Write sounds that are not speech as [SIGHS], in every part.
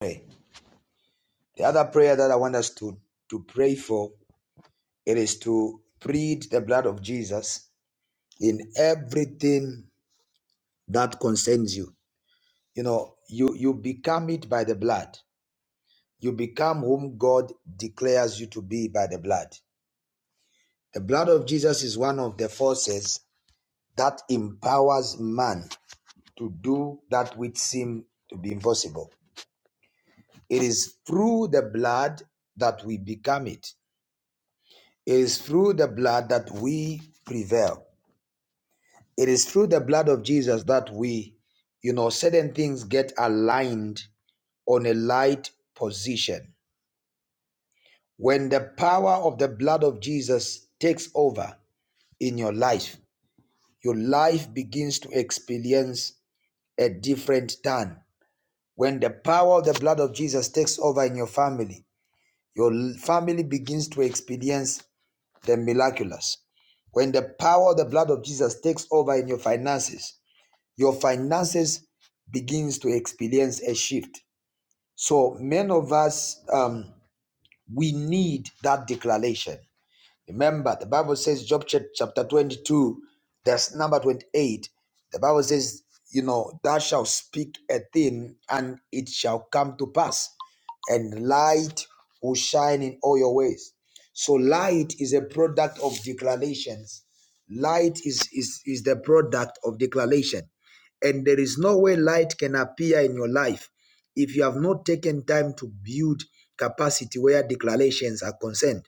pray. The other prayer that I want us to, to pray for it is to plead the blood of Jesus in everything that concerns you. You know, you you become it by the blood. You become whom God declares you to be by the blood. The blood of Jesus is one of the forces that empowers man to do that which seems to be impossible. It is through the blood that we become it. It is through the blood that we prevail. It is through the blood of Jesus that we, you know, certain things get aligned on a light position. When the power of the blood of Jesus takes over in your life, your life begins to experience a different turn. When the power of the blood of Jesus takes over in your family, your family begins to experience the miraculous. When the power of the blood of Jesus takes over in your finances, your finances begins to experience a shift. So many of us um, we need that declaration. Remember, the Bible says, Job chapter 22, that's number 28. The Bible says, you know, thou shalt speak a thing and it shall come to pass, and light will shine in all your ways. So light is a product of declarations. Light is, is, is the product of declaration. And there is no way light can appear in your life if you have not taken time to build capacity where declarations are concerned.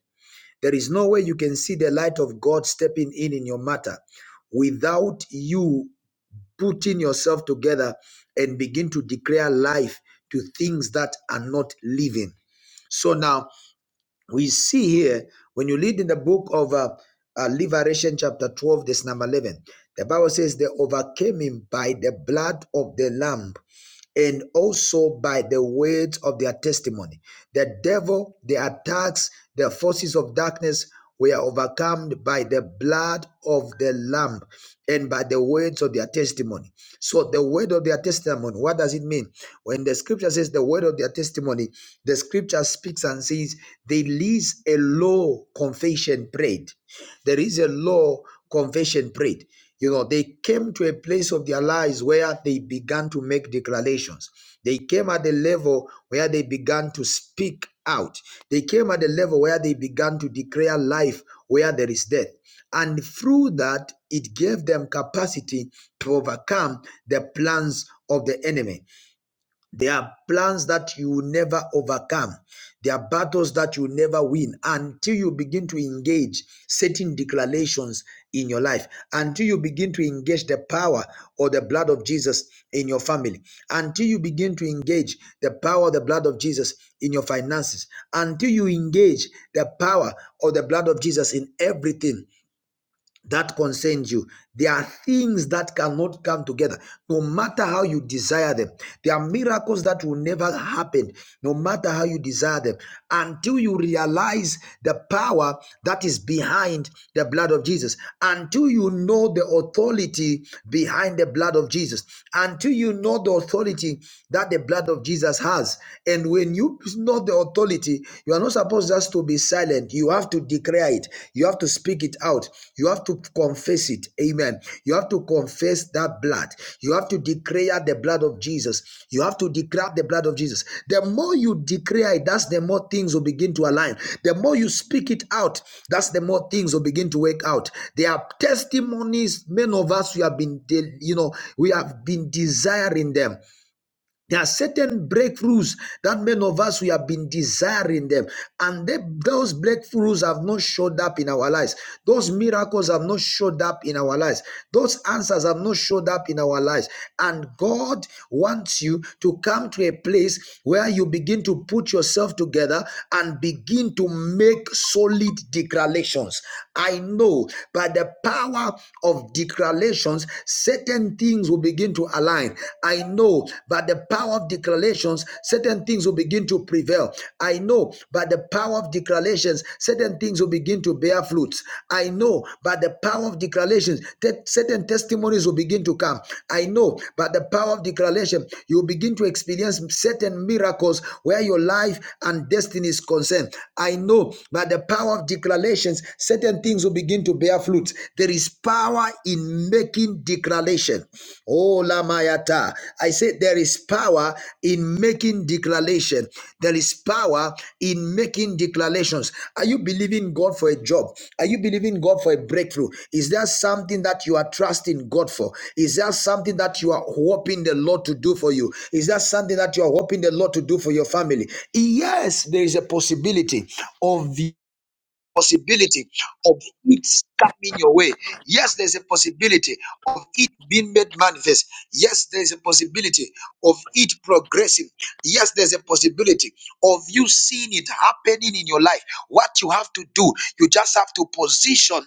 There is no way you can see the light of God stepping in in your matter without you putting yourself together and begin to declare life to things that are not living. So now we see here when you read in the book of uh, uh, Liberation, chapter 12, this number 11, the Bible says they overcame him by the blood of the Lamb and also by the weight of their testimony. The devil, the attacks, the forces of darkness were overcome by the blood of the Lamb and by the words of their testimony. So, the word of their testimony, what does it mean? When the scripture says the word of their testimony, the scripture speaks and says, they lease a low confession prayed. There is a law confession prayed. You know, they came to a place of their lives where they began to make declarations. They came at the level where they began to speak out. They came at the level where they began to declare life where there is death. And through that, it gave them capacity to overcome the plans of the enemy. There are plans that you will never overcome. There are battles that you will never win until you begin to engage certain declarations in your life, until you begin to engage the power or the blood of Jesus in your family, until you begin to engage the power of the blood of Jesus in your finances, until you engage the power of the blood of Jesus in everything that concerns you. There are things that cannot come together, no matter how you desire them. There are miracles that will never happen, no matter how you desire them, until you realize the power that is behind the blood of Jesus, until you know the authority behind the blood of Jesus, until you know the authority that the blood of Jesus has. And when you know the authority, you are not supposed just to be silent. You have to declare it. You have to speak it out. You have to confess it. Amen. You have to confess that blood. You have to declare the blood of Jesus. You have to declare the blood of Jesus. The more you declare it, that's the more things will begin to align. The more you speak it out, that's the more things will begin to work out. There are testimonies, many of us we have been, you know, we have been desiring them. There are certain breakthroughs that many of us we have been desiring them, and they- those breakthroughs have not showed up in our lives. Those miracles have not showed up in our lives. Those answers have not showed up in our lives. And God wants you to come to a place where you begin to put yourself together and begin to make solid declarations. I know by the power of declarations, certain certain things will begin to align. I know by the power of declarations, certain things will begin to prevail. I know by the power of declarations, certain things will begin to bear fruits. I know by the power of declarations that certain testimonies will begin to come. I know by the power of declaration, you will begin to experience certain miracles where your life and destiny is concerned. I know by the power of declarations, certain things will begin to bear fruit flute. There is power in making declaration. Oh, Lamayata. I say there is power in making declaration. There is power in making declarations. Are you believing God for a job? Are you believing God for a breakthrough? Is there something that you are trusting God for? Is there something that you are hoping the Lord to do for you? Is there something that you are hoping the Lord to do for your family? Yes, there is a possibility of the possibility of it coming your way. Yes, there's a possibility of it being made manifest. Yes, there's a possibility of it progressing. Yes, there's a possibility of you seeing it happening in your life. What you have to do, you just have to position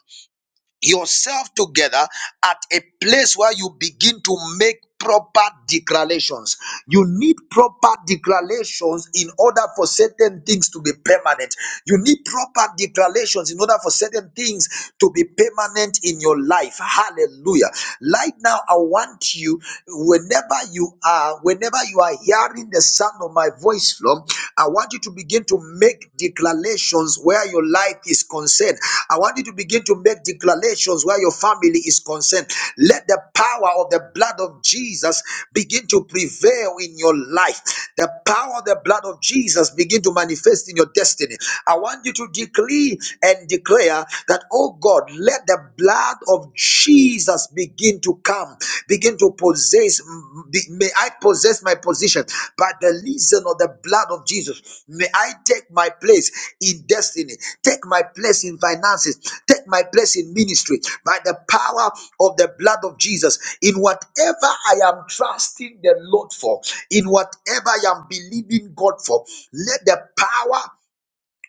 yourself together at a place where you begin to make proper declarations. You need proper declarations in order for certain things to be permanent. You need proper declarations in order for certain things to be permanent in your life. Hallelujah. Right now, I want you, whenever you are, whenever you are hearing the sound of my voice, Lord. Lord. I want you to begin to make declarations where your life is concerned. I want you to begin to make declarations where your family is concerned. Let the power of the blood of Jesus begin to prevail in your life. The power of the blood of Jesus begin to manifest in your destiny. I want you to decree and declare that, oh God, let the blood of Jesus answers begin to come, begin to possess. be- May I possess my position by the reason of the blood of Jesus. May I take my place in destiny, take my place in finances, take my place in ministry by the power of the blood of Jesus. In whatever I am trusting the Lord for, in whatever I am believing God for, let the power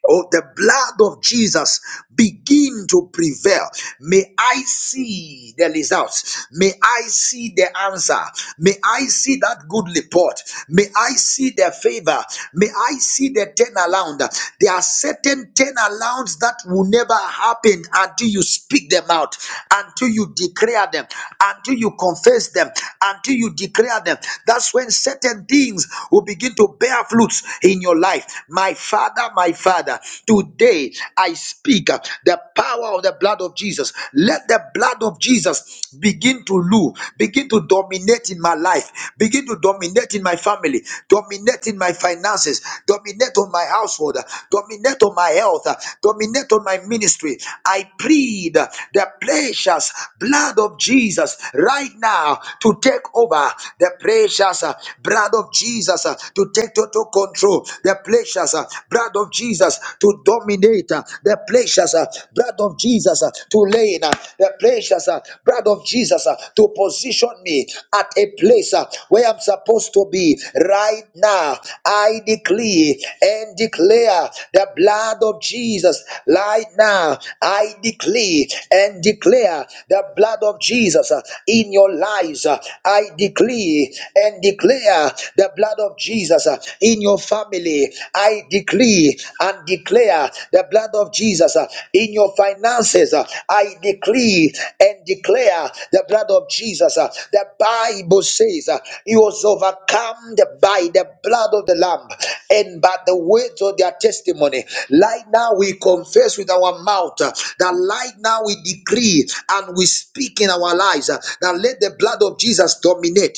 Oh, the blood of Jesus begin to prevail. May I see the results. May I see the answer. May I see that good report. May I see the favor. May I see the turnaround. There are certain turnarounds that will never happen until you speak them out, until you declare them, until you confess them, until you declare them. That's when certain things will begin to bear fruits in your life. My Father, my Father, today I speak uh, the power of the blood of Jesus. Let the blood of Jesus begin to rule, begin to dominate in my life, begin to dominate in my family, dominate in my finances, dominate on my household, uh, dominate on my health, uh, dominate on my ministry. I plead uh, the precious blood of Jesus right now to take over the precious uh, blood of Jesus uh, to take take total control. The pleasures, uh, blood of Jesus, to dominate. uh, The pleasures, uh, blood of Jesus, uh, to lay in. uh, The pleasures, uh, blood of Jesus, uh, to position me at a place uh, where I'm supposed to be right now. I decree and declare the blood of Jesus right now. I decree and declare the blood of Jesus uh, in your lives. Uh, I decree and declare uh, the blood of Jesus uh, in your family. I decree and declare the blood of Jesus uh, in your finances. uh, I decree and declare the blood of Jesus. uh, The Bible says uh, he was overcome the- by the blood of the Lamb and by the words of their testimony. Right now, we confess with our mouth uh, that right now we decree and we speak in our lives uh, that let the blood of Jesus dominate.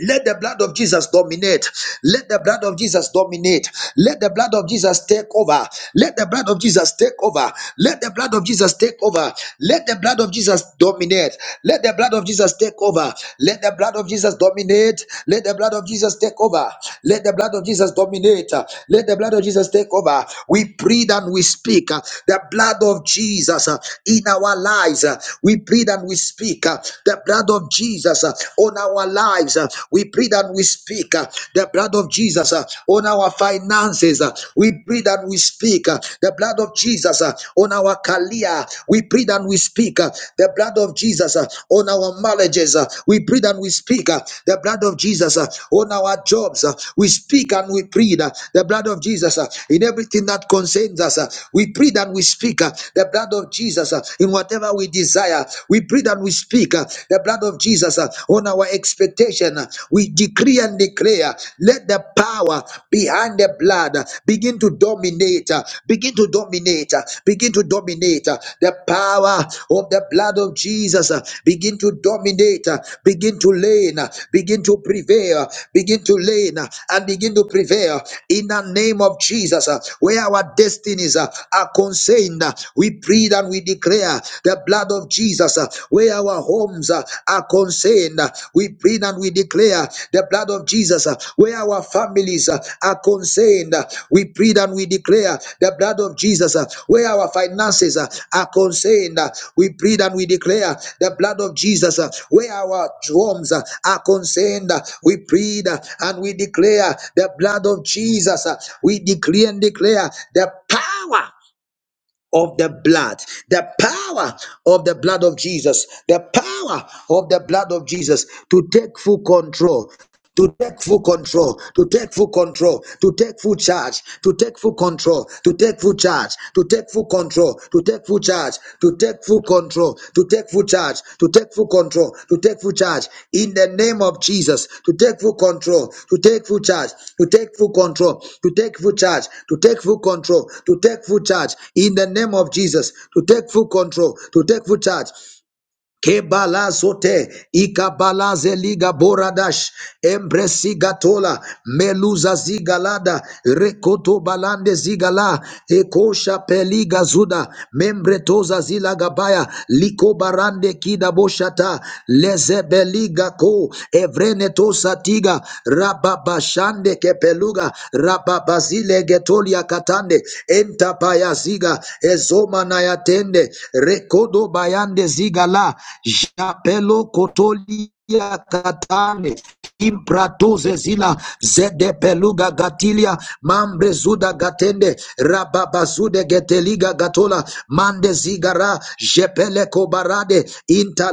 Let the blood of Jesus dominate. Let the blood of Jesus dominate. Let the blood of Jesus take over. Let the blood of Jesus take over. Let the blood of Jesus take over. Let the blood of Jesus dominate. Let the blood of Jesus take over. Let the blood of Jesus dominate. Let the blood of Jesus take over. Let the blood of Jesus dominate. Let the blood of Jesus take over. We breathe and we speak uh, the blood of Jesus uh, in our lives. Uh, We breathe and we speak uh, the blood of Jesus. Jesus uh, on our lives. uh, We pray that we speak uh, the blood of Jesus uh, on our finances. uh, We pray that we speak uh, the blood of Jesus uh, on our career. We pray that we speak uh, the blood of Jesus uh, on our marriages. uh, We pray that we speak uh, the blood of Jesus uh, on our jobs. uh, We speak and we plead uh, the blood of Jesus uh, in everything that concerns us. uh, We pray and we speak uh, the blood of Jesus uh, in whatever we desire. We pray that we speak uh, the blood of Jesus uh, on our expectation. Uh, We decree and declare, let the power behind the blood uh, begin to dominate, uh, begin to dominate, uh, begin to dominate. uh, The power of the blood of Jesus uh, begin to dominate, uh, begin to reign, uh, begin to prevail, uh, begin to reign, uh, and begin to prevail in the name of Jesus. uh, Where our destinies uh, are concerned, uh, we pray that Father, we declare the blood of Jesus uh, where our homes uh, are concerned. uh, We plead and we declare the blood of Jesus uh, where our families uh, are concerned. uh, We plead and we declare the blood of Jesus uh, where our finances uh, are concerned. uh, We plead and we declare the blood of Jesus uh, where our homes uh, are concerned. uh, We plead uh, and we declare the blood of Jesus. uh, We declare and declare the power of the blood, the power of the blood of Jesus, the power of the blood of Jesus to take full control, to take full control, to take full control, to take full charge, to take full control, to take full charge, to take full control, to take full charge, to take full control, to take full charge, to take full control, to take full charge. In the name of Jesus, to take full control, to take full charge, to take full control, to take full charge, to take full control, to take full charge. In the name of Jesus, to take full control, to take full charge. Kebalazote, Ikabalaze Liga Boradash, Embresiga Tola, Meluza Zigalada, Rekoto Balande Zigala, Ekosha Peliga Zuda, Membretoza Zilagabaya, Liko Barande Kida Boshata, Lezebeliga Ko, Evreneto Satiga, Rababashande Kepeluga, Rababazile Getolia Katande, Entapaya Ziga, ezo manayatende rekodo bayande zigala japelo kotolia katane impratuze zila zede peluga gatilia mambre zuda gatende rababazude geteliga gatola mande zigara jepele kobarade inta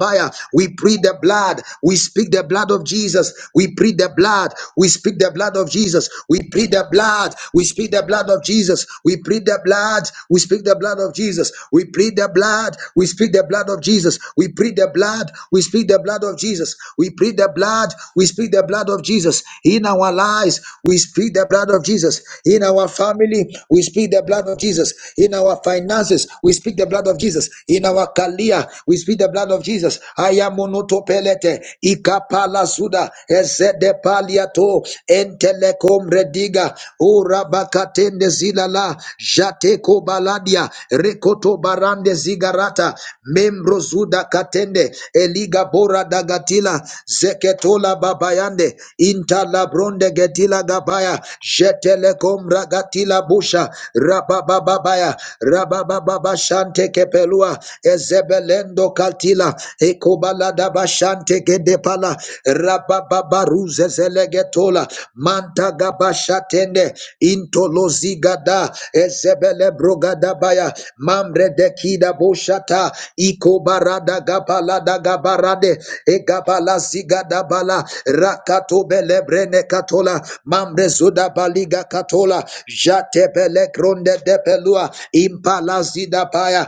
baya we plead the blood we speak the blood of jesus we plead the blood we speak the blood of jesus we plead the blood blood. We speak the blood of Jesus. We plead the blood. We speak the blood of Jesus. We plead the blood. We speak the blood of Jesus. We plead the blood. We speak the blood of Jesus. We plead the blood. We speak the blood of Jesus. In our lives, we speak the blood of Jesus. In our family, we speak the blood of Jesus. In our finances, we speak the blood of Jesus. In our career, we speak the blood of Jesus. I am monotopelete. Ikapala suda. Eze zede paliato entelekom rediga urabakatende zilala jateko baladia rekoto barande zigarata membro zuda katende eliga bora dagatila zeketola babayande intala bronde getila gabaya jetelekom ragatila busha rababa babaya rababababaya rabababa shante kepelua ezebelendo kaltila eko kobalada bashante gedepala rabababaruze zelegetola manta gabashatende intolozigada ezebele brogada baya, mambre dekida boshata ikobarada gabalada gabarade egabala zigada bala, rakato belebrene katola mambre zuda baliga katola jatebele gronde depelua impala zida baya.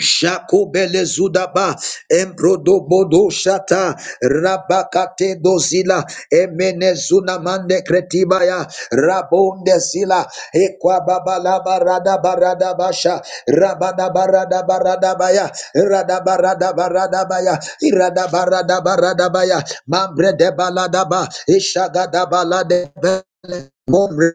Shakobele Zudaba, Embrodo Bodo Shata, Rabakate Dozila, Emene Zunamande Kretibaya, Rabonde Zila, Ekwa Babalaba Rada Barada Basha, Rabada Barada Barada Baya, Rada Barada Barada Baya, Irada Barada Barada Baya, Mambre de Baladaba, Ishagada Balade. Mombre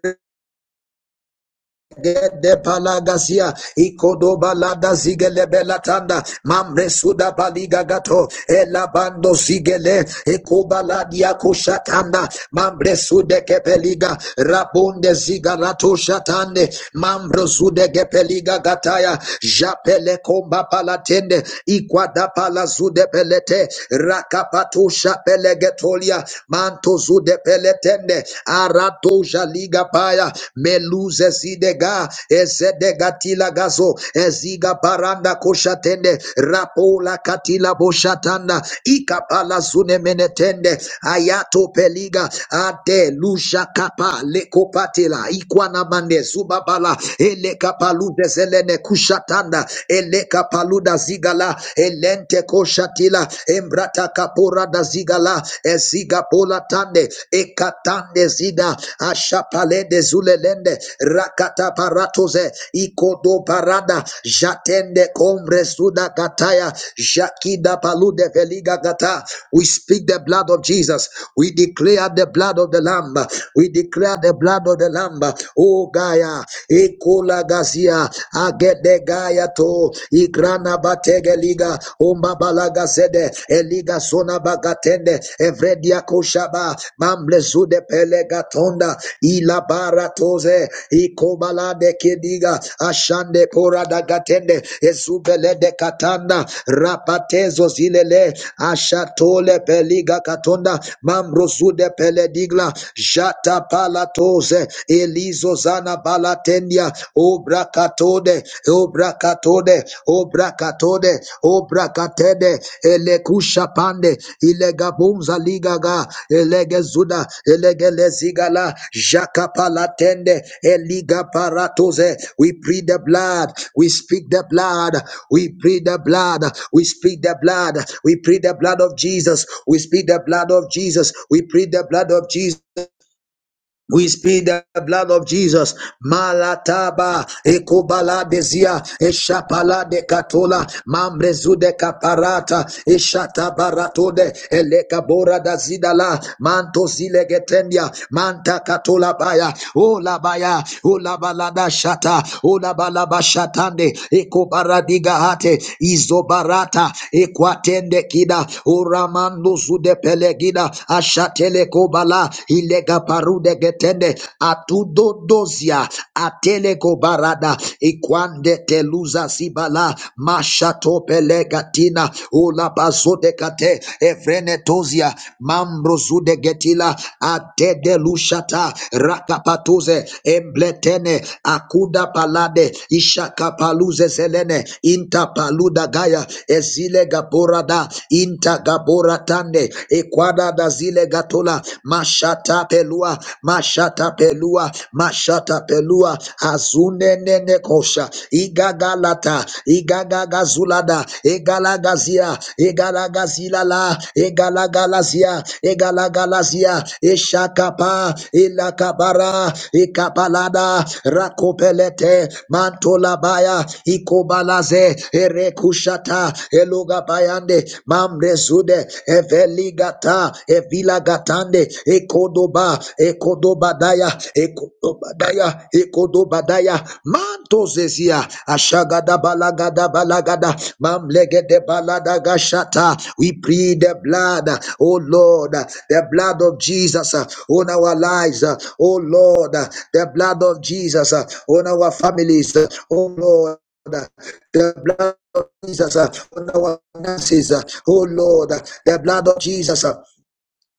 Gede palagasia ikodoba lada zigele belatanda mamre suda baliga gato elabando zigele ekuba ladia kushatanda mamre sude kepeliga rabunde zigarato shatande mamre sude kepeliga gataya japele komba palatende ikwada pala zude pelete rakapatusha getolia. manto zude pelete Zende Aratoja Liga Paya Meluze Zidega Ezedega Tila Gazo Eziga Baranda Koshatende Rapola Katila Boshatanda Ikapala Zune Menetende Ayato Peliga Ade Lusha Kapa Lekopatela Ikwana Mande Zubabala Eleka Palude Zelene Kushatanda Eleka Paluda Zigala Elente Koshatila Embrata kapura da zigala eziga pola tande ekatande zida ashapale de zulelende rakata paratoze ikodo parada jatende kombre suda kataya jakida palude veliga gata we speak the blood of Jesus we declare the blood of the lamb we declare the blood of the lamb oh gaya ekola gazia agede gaya to Ligrana bategeliga, liga umba balaga zede eliga sona bagatende evredia koshaba mamble zude pelega tonda ila baratoze de kediga ashande kora dagatende ezubele de katanda rapatezo zilele ashatole peliga katonda mamrozude peledigla jata pala toze. elizo zana balate Bratendia, O Bracatode, O Bracatode, O Bracatode, O Bracatede, Elekusha Pande, Ilegabumza Ligaga, Elegezuda, Elegelezigala, Jacapalatende, Eliga Paratoze. We plead the blood, we speak the blood, we plead the blood, we speak the blood, we plead the blood of Jesus, we speak the blood of Jesus, we plead the blood of Jesus. We speak the blood of Jesus. Malataba, Ekobala Desia, Eshapala de Catola, Mambrezu de Caparata, Eshatabaratode, Elekabora da Zidala, Manto Zilegetendia, Manta Catola Baya, Ola Baya, Ola Balada Shata, Ola Balaba Shatande, Ekobaradiga Hate, Izobarata, Equatende Kida, Uramando Zude Pelegida, Ashat shatele kobala ilega parude getende atudo dozia atele kobarada ikwande teluza sibala mashato pelegatina ula bazode kate evrene tozia mambro zude getila atede lushata rakapatuze embletene akuda palade ishakapaluze zelene intapaluda gaya ezile gaborada inta gabora tande ekwada da zile gatola mashata pelua mashata pelua mashata pelua azune nene kosha igagalata igagagazulada egalagazia egalagazilala egalagalazia egalagalazia eshakapa elakabara ekapalada rakopelete mantolabaya ikobalaze erekushata. Gata, Eloga Bayande, Mamre Zude, Eveli Gata, Evila Gatande, Ekodoba, Ekodobadaya, Ekodobadaya, Ekodobadaya, Manto Zezia, Ashagada Balagada Balagada, Mamlegede Balada Gashata. We plead the blood, oh Lord, the blood of Jesus uh, on our lives, uh, oh Lord, uh, the blood of Jesus uh, on our families, uh, oh Lord. The blood of Jesus uh, on our finances, uh, oh Lord, uh, the blood of Jesus. uh,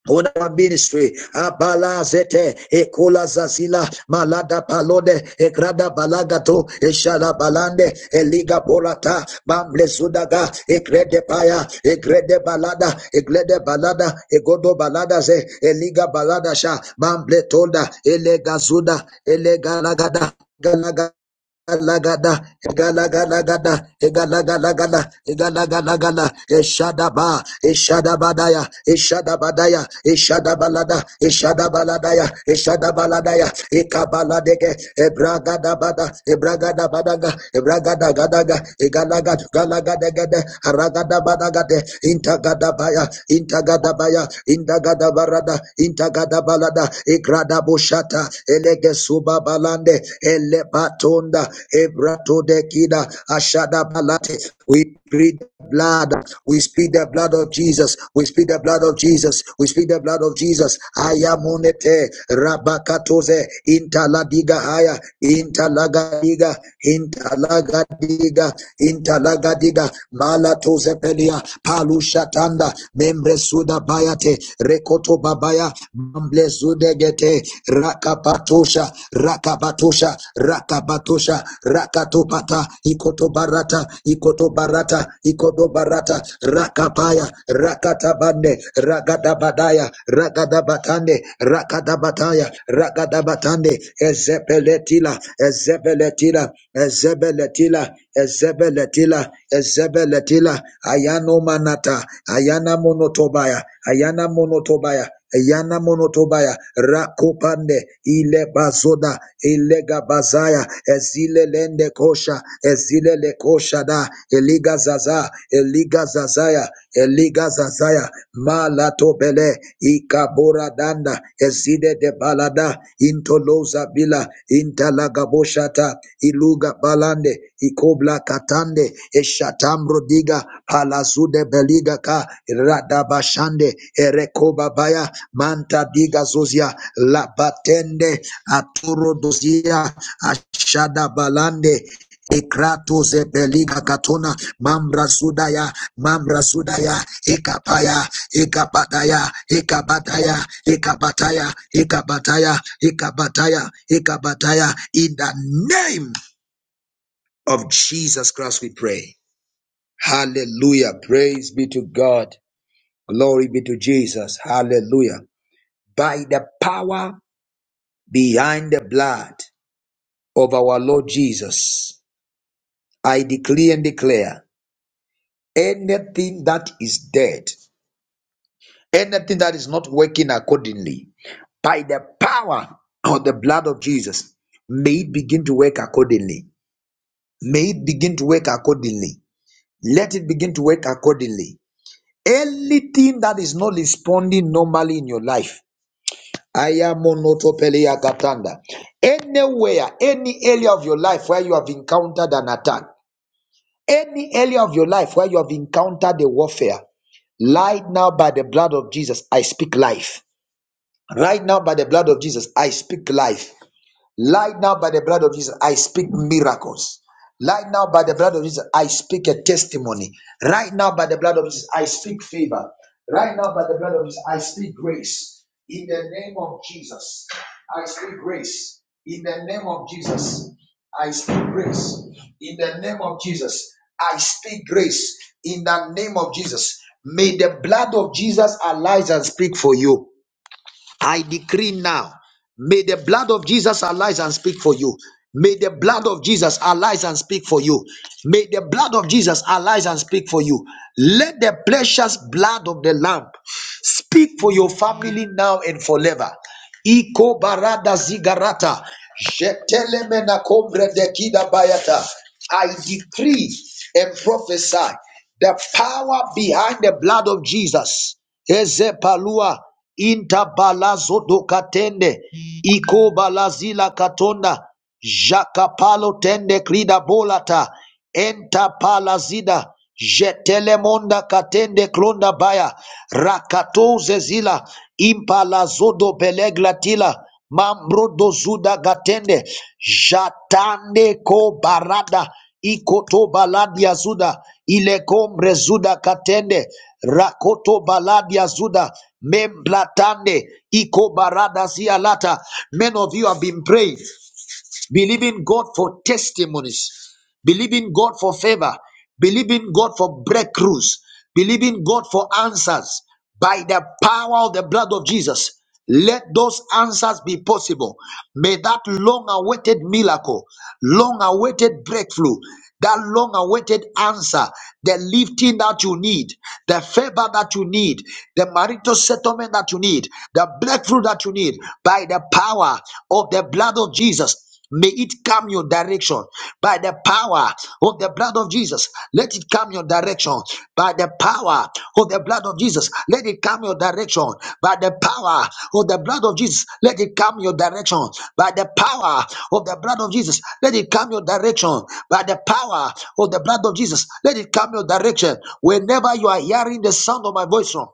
on our ministry, Abala Zete, Ekola Zazila, Malada Palode, Egrada Balagato, Eshala Balande, Eliga Borata, Bamble Zudaga, ekrede Paya, ekrede Balada, ekrede Balada, Egodo Balada Ze, Eliga Balada Sha, Bamble Tolda, Elega Zuda, Elega Lagada, galaga. Lagada, Egalaga, Galagada, Galagalagada, Galagalagada, Galagalagada, Eshadaba, Eshadabadaya, Eshadabadaya, Eshadabalada, Eshadabaladaya, Eshadabaladaya, Ekabaladege, Ebragadabada, Ebragadabadaga, Ebragadagadaga, Egalagad, Galagadagade, Haragadabadagade, Intagadabaya, Intagadabaya, Indagadabarada, intagadabalada igradaboshata elegesuba balande elebatonda ebratodekida ashadabalate we breathe the blood we speak the blood of jesus we speak the blood of jesus we speak the blood of jesus ayamonete rabakatoze intaladiga haya intalagadiga intalagadiga intalagadiga Ziga, Malato Zepelia, Palushatanda, Membresuda Bayate, Rekoto Babaya, Mamblezudegete, Rakapatusha, Rakabatusha, Rakabatusha, Rakatopata, Ikoto barata ikoto barata Ikoto Barata Rakapaya, Rakatabande, Ragadabadaya, Ragadabatande, Rakadabataya, Ragadabatande, Ezebeletila, Ezebeletila, Ezebeletila, Ezebeletila, Ezebeletila, Ayano Manata, Ayana Monotobaya, Ayana Monotobaya, Ayana Monotobaya, Rakupande Ile Bazoda, Ilega Bazaya, Ezile Lende Kosha, Ezile Le Kosha Da, Eliga Zaza, Eliga Zazaya, Eliga Zazaya, Malato Bele, Ikabora Danda, Ezide de Balada, Intoloza Bila, Intalagaboshata, Iluga Balande, Ikobla Katande, Eshatambro Diga, Palazude Beliga Ka, Radabashande, Erekoba Baya, Manta Diga Zuzia, Labatende, Aturo Dozia, Ashada Balande, Ekrato zebeliga katona mambra sudaya mambra sudaya ekapaya ekapataya ekabataya ekabataya ekabataya ekabataya ekabataya in the name of Jesus Christ we pray hallelujah praise be to God glory be to Jesus hallelujah by the power behind the blood of our Lord Jesus I decree and declare anything that is dead, anything that is not working accordingly, by the power of the blood of Jesus, may it begin to work accordingly. May it begin to work accordingly. Let it begin to work accordingly. Anything that is not responding normally in your life, I am monotopelea Katanda. Anywhere, any area of your life where you have encountered an attack, Any area of your life where you have encountered the warfare, right now by the blood of Jesus, I speak life. Right now by the blood of Jesus, I speak life. Right now, by the blood of Jesus, I speak miracles. Right now, by the blood of Jesus, I speak a testimony. Right now, by the blood of Jesus, I speak favor. Right now, by the blood of Jesus, I speak grace. In the name of Jesus, I speak grace. In the name of Jesus, I speak grace. In the name of Jesus, I speak grace. In the name of Jesus, may the blood of Jesus arise and speak for you. I decree now, may the blood of Jesus arise and speak for you. May the blood of Jesus arise and speak for you. May the blood of Jesus arise and speak for you. Let the precious blood of the Lamb speak for your family now and forever. Iko barada zigarata. Jetelemena kombre de kida bayata. I decree and prophesy the power behind the blood of Jesus. Eze palua inta balazo do katende. Iko balazila katonda. Jakapalo tende krida bolata. Enta palazida. Jetelemonda katende klonda baya. Rakato zezila. Impalazodo beleglatila. Mambrodo zuda gatende. Jatande ko barada. Ikoto baladia zuda. Ilekombre zuda katende. Rakoto baladia zuda. Memblatande. Iko barada sialata. Men of you have been praying believing God for testimonies, believing God for favor, believing God for breakthroughs, believing God for answers by the power of the blood of Jesus. Let those answers be possible. May that long awaited miracle, long awaited breakthrough, that long awaited answer, the lifting that you need, the favor that you need, the marital settlement that you need, the breakthrough that you need by the power of the blood of Jesus. May it come your direction by the power of the blood of Jesus. Let it come your direction by the power of the blood of Jesus. Let it come your direction by the power of the blood of Jesus. Let it come your direction by the power of the blood of Jesus. Let it come your direction by the power of the blood of Jesus. Let it come your direction whenever you are hearing the sound of my voice from.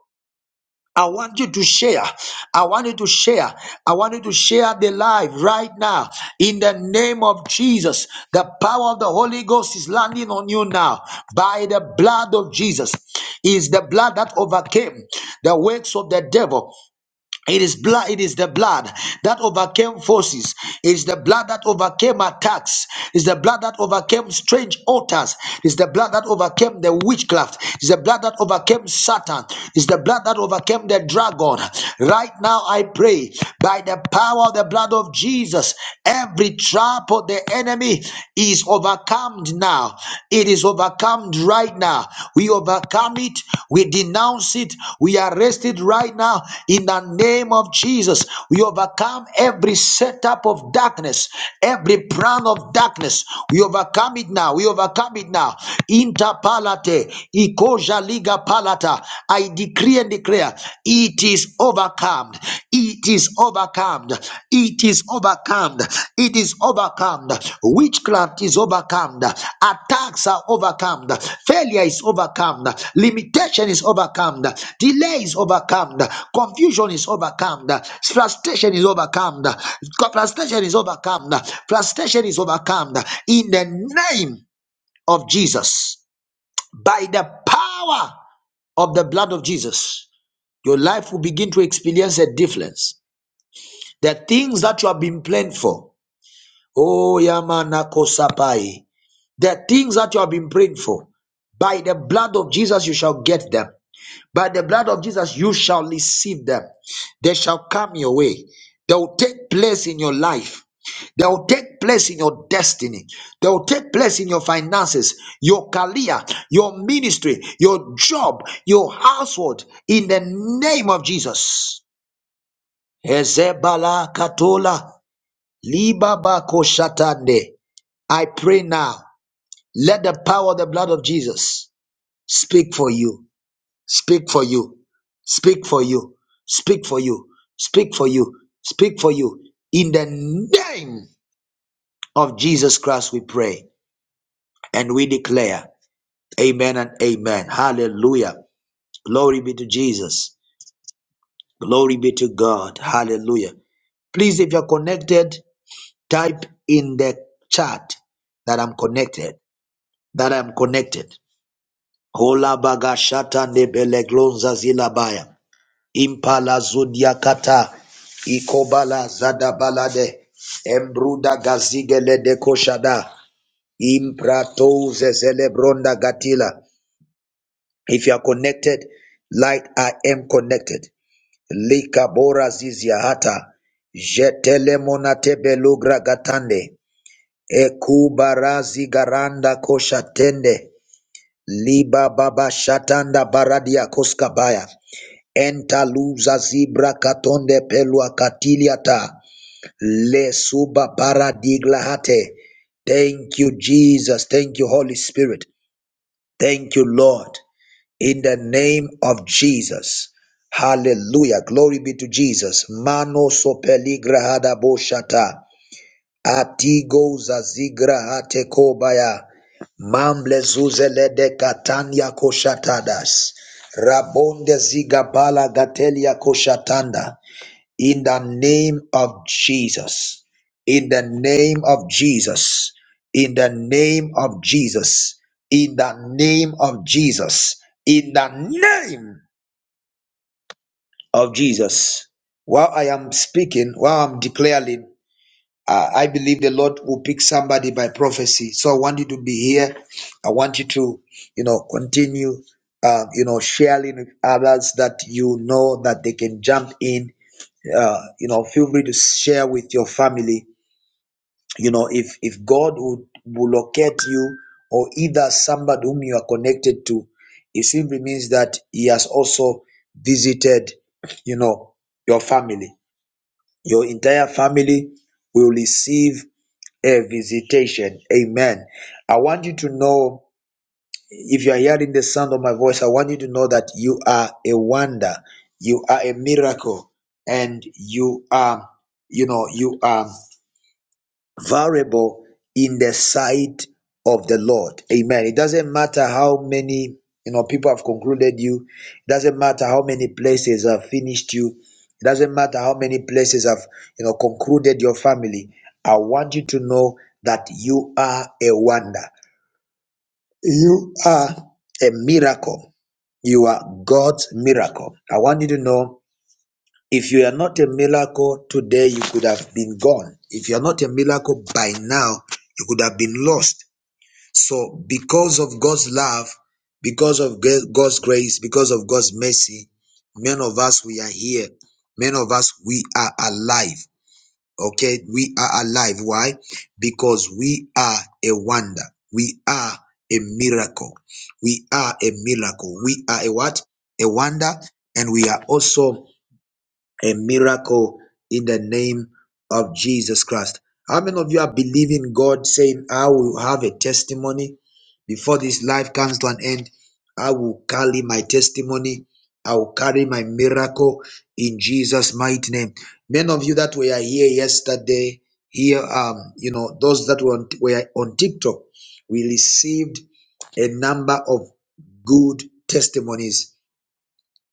I want you to share. I want you to share. I want you to share the life right now in the name of Jesus. The power of the Holy Ghost is landing on you now by the blood of Jesus. Is the blood that overcame the works of the devil. It is blood, it is the blood that overcame forces, it is the blood that overcame attacks, it is the blood that overcame strange altars, it is the blood that overcame the witchcraft, it is the blood that overcame Satan, it is the blood that overcame the dragon. Right now I pray by the power of the blood of Jesus, every trap of the enemy is overcome now now. It is overcome right now. We overcome it. We denounce it. We arrest it right now in the name of Jesus. We overcome every setup of darkness, every plan of darkness. We overcome it now. We overcome it now. Interpalate, Ikoja Liga Palata. I decree and declare it is overcome it is overcome. It is overcome. It is overcome. Witchcraft is overcome. Attacks are overcome. Failure is overcome. Limitation is overcome. Delay is overcome. Confusion is overcome. Frustration is overcome. Frustration is overcome. Frustration is overcome. In the name of Jesus, by the power of the blood of Jesus, your life will begin to experience a difference the things that you have been praying for. Oh, Yamanakosapai. The things that you have been praying for. By the blood of Jesus, you shall get them. By the blood of Jesus, you shall receive them. They shall come your way. They will take place in your life. They will take place in your destiny. They will take place in your finances, your career, your ministry, your job, your household. In the name of Jesus. Ezebala katola. Liba Libaba koshatande. I pray now. Let the power of the blood of Jesus speak for you. Speak for you. Speak for you. Speak for you. Speak for you. Speak for you. In the name of Jesus Christ, we pray and we declare. Amen and amen. Hallelujah. Glory be to Jesus. Glory be to God. Hallelujah. Please, if you're connected, type in the chat that I'm connected. that I'm connected. Kola bagashata nebeleglonza zilabaya. Impala zudia kata. Ikobala zadabalade. Embruda gazigele de koshada. Imprato zelebronda gatila. If you are connected, like I am connected. Likabora bora zizia hata. Jetele monate belugra gatande. Ekubarazi garanda koshatende. Liba baba shatanda baradia koskabaya. Enta luza zibra katonde pelua katiliata. Le suba paradiglahate. Thank you, Jesus. Thank you, Holy Spirit. Thank you, Lord. In the name of Jesus. Hallelujah. Glory be to Jesus. Mano sopeligrahada boshata. Atigo zazigra hate kobaya. Mamble zuzele de katanya koshatadas. Rabonde zigabala gatelia koshatanda. In the name of Jesus. In the name of Jesus. In the name of Jesus. In the name of Jesus. In the name of Jesus. While I am speaking, while I'm declaring, uh, I believe the Lord will pick somebody by prophecy. So I want you to be here. I want you to, you know, continue, uh, you know, sharing with others that you know that they can jump in. Uh, you know, feel free to share with your family. You know, if if God would will locate you or either somebody whom you are connected to, it simply means that He has also visited, you know, your family. Your entire family will receive a visitation. Amen. I want you to know if you are hearing the sound of my voice, I want you to know that you are a wonder, you are a miracle, and you are, you know, you are. Variable in the sight of the Lord. Amen. It doesn't matter how many you know people have concluded you. It doesn't matter how many places have finished you. It doesn't matter how many places have you know concluded your family. I want you to know that you are a wonder. You are a miracle. You are God's miracle. I want you to know if you are not a miracle today, you could have been gone. If you are not a miracle by now, you could have been lost. So, because of God's love, because of God's grace, because of God's mercy, many of us we are here. Many of us we are alive. Okay, we are alive. Why? Because we are a wonder. We are a miracle. We are a miracle. We are a what? A wonder, and we are also a miracle in the name of Jesus Christ. How many of you are believing God saying, I will have a testimony before this life comes to an end? I will carry my testimony. I will carry my miracle in Jesus' mighty name. Many of you that were here yesterday, here, um, you know, those that were on, were on TikTok, we received a number of good testimonies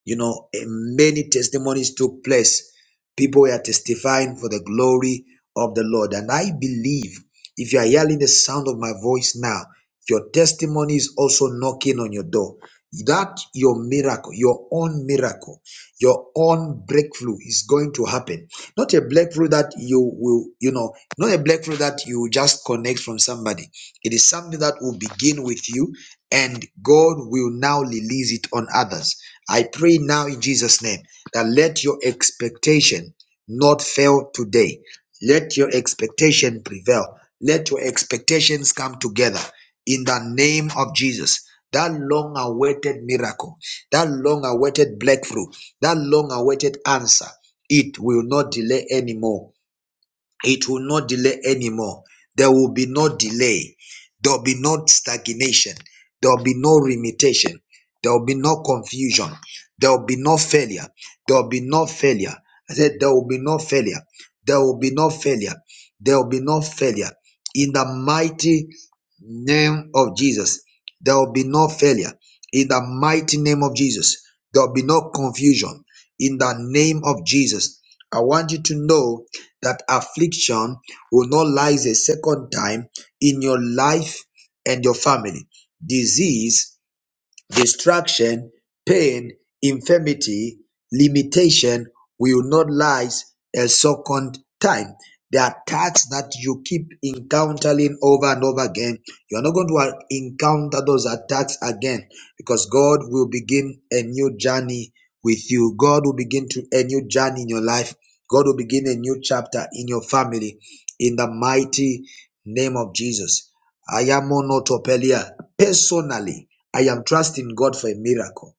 you know, and many testimonies took place. People were testifying for the glory of the Lord. And I believe if you are hearing the sound of my voice now, your testimony is also knocking on your door. That your miracle, your own miracle, your own breakthrough is going to happen. Not a breakthrough that you will, you know, not a breakthrough that you will just connect from somebody. It is something that will begin with you, and God will now release it on others. I pray now in Jesus' name that let your expectation not fail today. Let your expectation prevail. Let your expectations come together in the name of Jesus. That long awaited miracle, that long awaited breakthrough, that long awaited answer, it will not delay anymore it will not delay anymore. There will be no delay. There will be no stagnation. There will be no limitation. There will be no confusion. There will be no failure. There will be no failure. I said, There will be no failure. There will be no failure. There will be no failure. In the mighty name of Jesus, there will be no failure. In the mighty name of Jesus, there will be no confusion. In the name of Jesus, I want you to know that affliction will not rise a second time in your life and your family. Disease Distraction, pain, infirmity, limitation will not last a second time. The attacks that you keep encountering over and over again, you're not going to encounter those attacks again because God will begin a new journey with you. God will begin to a new journey in your life. God will begin a new chapter in your family in the mighty name of Jesus. I am monotopelia personally. I am trusting God for a miracle.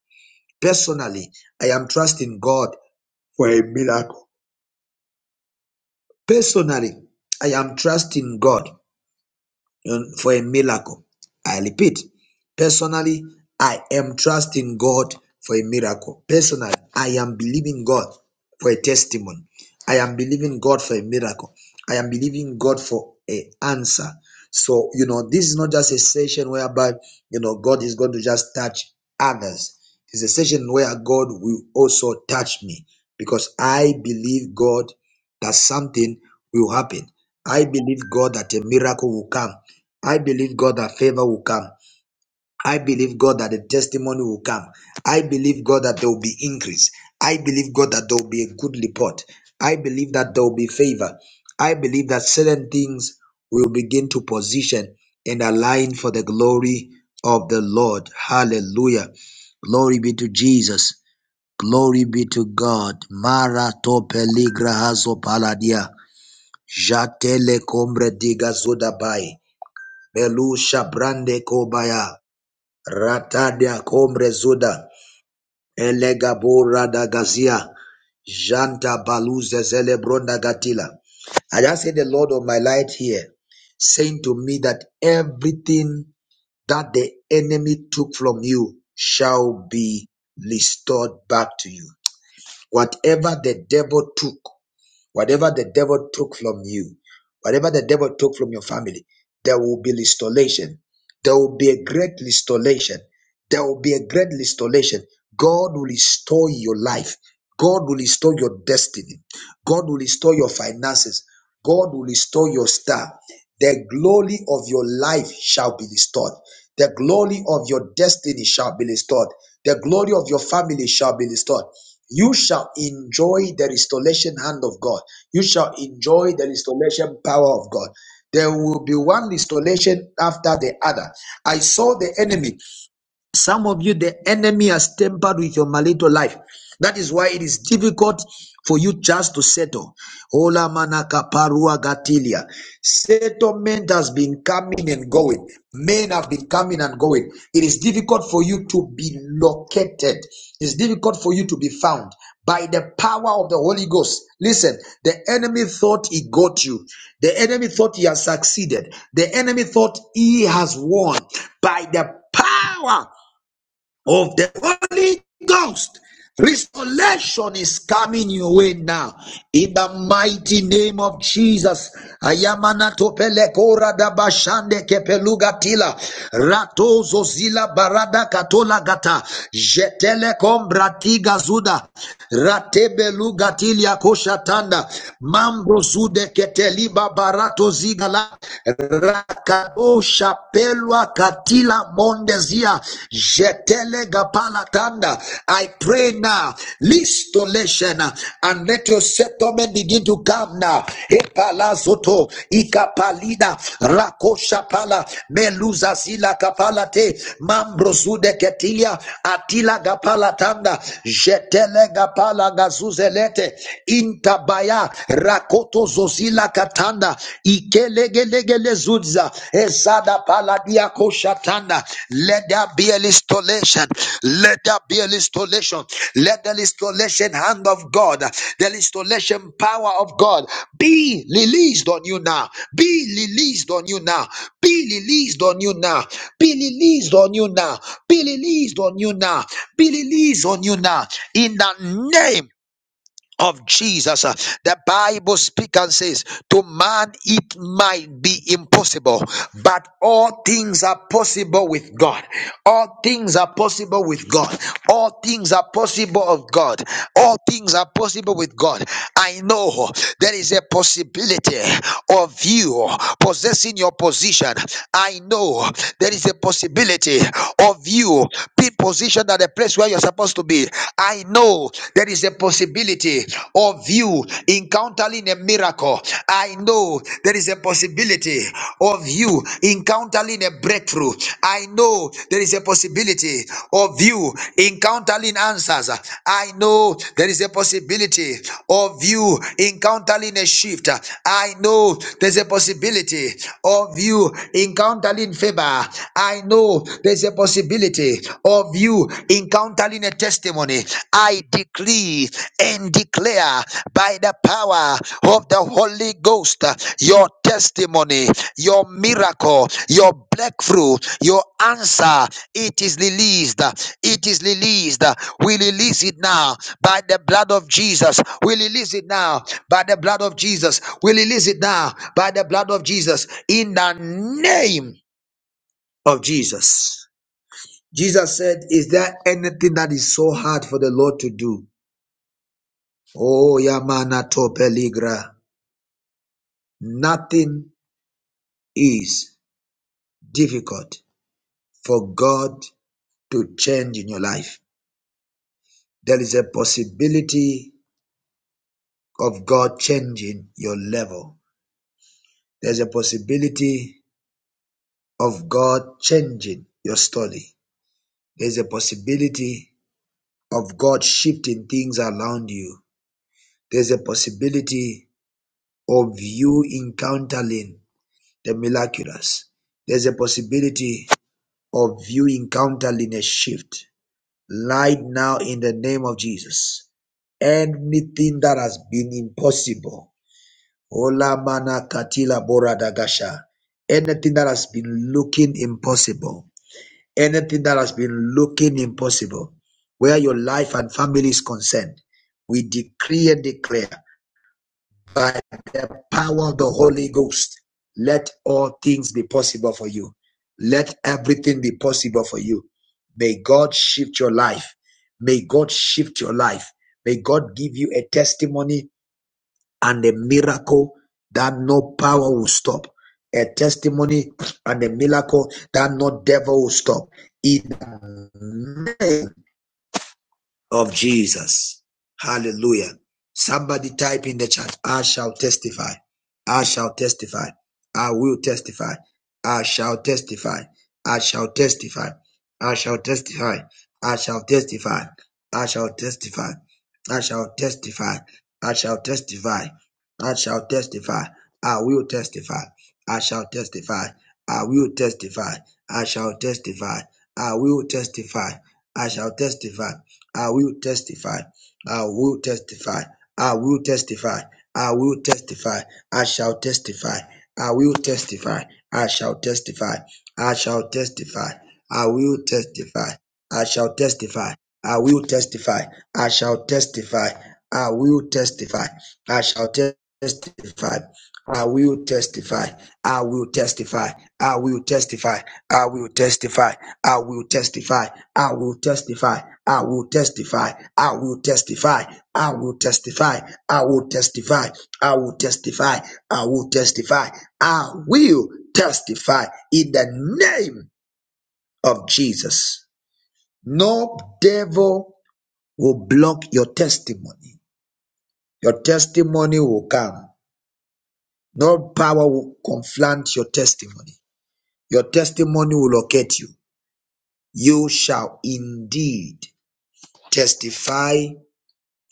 Personally, I am trusting God for a miracle. Personally, I am trusting God um, for a miracle. I repeat, personally, I am trusting God for a miracle. Personally, I am believing God for a testimony. I am believing God for a miracle. I am believing God for an answer. So, you know, this is not just a session whereby, you know, God is going to just touch others. It's a session where God will also touch me because I believe God that something will happen. I believe God that a miracle will come. I believe God that favor will come. I believe God that the testimony will come. I believe God that there will be increase. I believe God that there will be a good report. I believe that there will be favor. I believe that certain things will begin to position and align for the glory of the Lord. Hallelujah. Glory be to Jesus. Glory be to God. Mara to peligra hazo paladia. Jatele combre diga zodabai. Melusha Brande Kobaya, Ratadia Kombre Zuda, Elegabora da Gazia, Janta Baluze Zelebronda Gatila. I just see the Lord of my light here saying to me that everything that the enemy took from you shall be restored back to you. Whatever the devil took Whatever the devil took from you, whatever the devil took from your family, there will be restoration. There will be a great restoration. There will be a great restoration. God will restore your life. God will restore your destiny. God will restore your finances. God will restore your star. The glory of your life shall be restored. The glory of your destiny shall be restored. The glory of your family shall be restored you shall enjoy the restoration hand of God. You shall enjoy the restoration power of God. There will be one restoration after the other. I saw the enemy some of you, the enemy has tampered with your marital life. That is why it is difficult for you just to settle. Ola manaka parua gatilia. Settlement has been coming and going. Men have been coming and going. It is difficult for you to be located. It's difficult for you to be found by the power of the Holy Ghost. Listen, the enemy thought he got you. The enemy thought he has succeeded. The enemy thought he has won by the power of the Holy Ghost. Restoration is coming your way now. In the mighty name of Jesus. Ayamana topele kora da bashande kepeluga tila. Ratozo zila barada katola gata. Jetele kombrati gazuda. Ratebeluga tilia koshatanda. Mambo zude keteliba barato zigala. Rakato Shapelwa Katila Mondezia Jetele Gapalatanda. I pray now. Listo leshena and let your settlement begin to come now. Epala Zoto Ikapalida Rakosha Pala Meluza Sila Kapalate Mambrosude Ketilia Atila Gapalatanda Jetele Gapala Gazuzelete Intabaya Rakoto Zozila Kila katanda ikelegelegelezuza esada paladia koshatanda. Let there be an installation. Let there be an installation. Let the installation hand of God, the installation power of God be released on you now. Be released on you now. Be released on you now. Be released on you now. Be released on you now. Be released on you now. In the name of Jesus. Uh, The Bible speaks and says, To man it might be impossible, but all things are possible with God. All things are possible with God. All things are possible of God. All things are possible with God. I know there is a possibility of you possessing your position. I know there is a possibility of you being positioned at the place where you're supposed to be be. I know there is a possibility of you encountering a miracle. I know there is a possibility of you encountering a breakthrough. I know there is a possibility of you encountering answers. I know there is a possibility of you encountering a shift. I know there's a possibility of you encountering favor. I know there's a possibility possibility of you encountering a testimony. I decree and declare by the power of the Holy Ghost uh, your testimony, your miracle, your breakthrough, your answer. It is released. uh, It is released. uh, We release it now by the blood of Jesus. We release it now by the blood of Jesus. We release it now by the blood of Jesus in the name of Jesus. Jesus said, Is there anything that is so hard for the Lord to do? Oh, Yamana to Peligra. Nothing is difficult for God to change in your life. There is a possibility of God changing your level. There's a possibility of God changing your story. There's a possibility of God shifting things around you. There's a possibility of you encountering the miraculous. There's a possibility of you encountering a shift right now in the name of Jesus. Anything that has been impossible, Ola mana katila bora dagasha. anything that has been looking impossible, anything that has been looking impossible, where your life and family is concerned, we decree and declare by the power of the Holy Ghost. Let all things be possible for you. Let everything be possible for you. May God shift your life. May God shift your life. May God give you a testimony and a miracle that no power will stop. A testimony and a miracle that no devil will stop. In the of Jesus. Hallelujah. Somebody type in the chat, I shall testify. I shall testify. I will testify. I shall testify. I shall testify. I shall testify. I shall testify. I shall testify. I shall testify. I shall testify. I shall testify. I will testify. I shall testify. I will testify. I shall testify. I will testify. I shall testify. I will testify. I will testify. I will testify. I will testify. I shall testify. I will testify. I shall testify. I shall testify. I will testify. I shall testify. I will testify. I shall testify. I will testify. I shall testify. I will testify. I will testify. I will testify. I will testify. I will testify. I will testify. I will testify. I will testify. I will testify. I will testify. I will testify. I will testify. I will testify in the name of Jesus. No devil will block your testimony. Your testimony will come. No power will confront your testimony. Your testimony will locate you. You shall indeed testify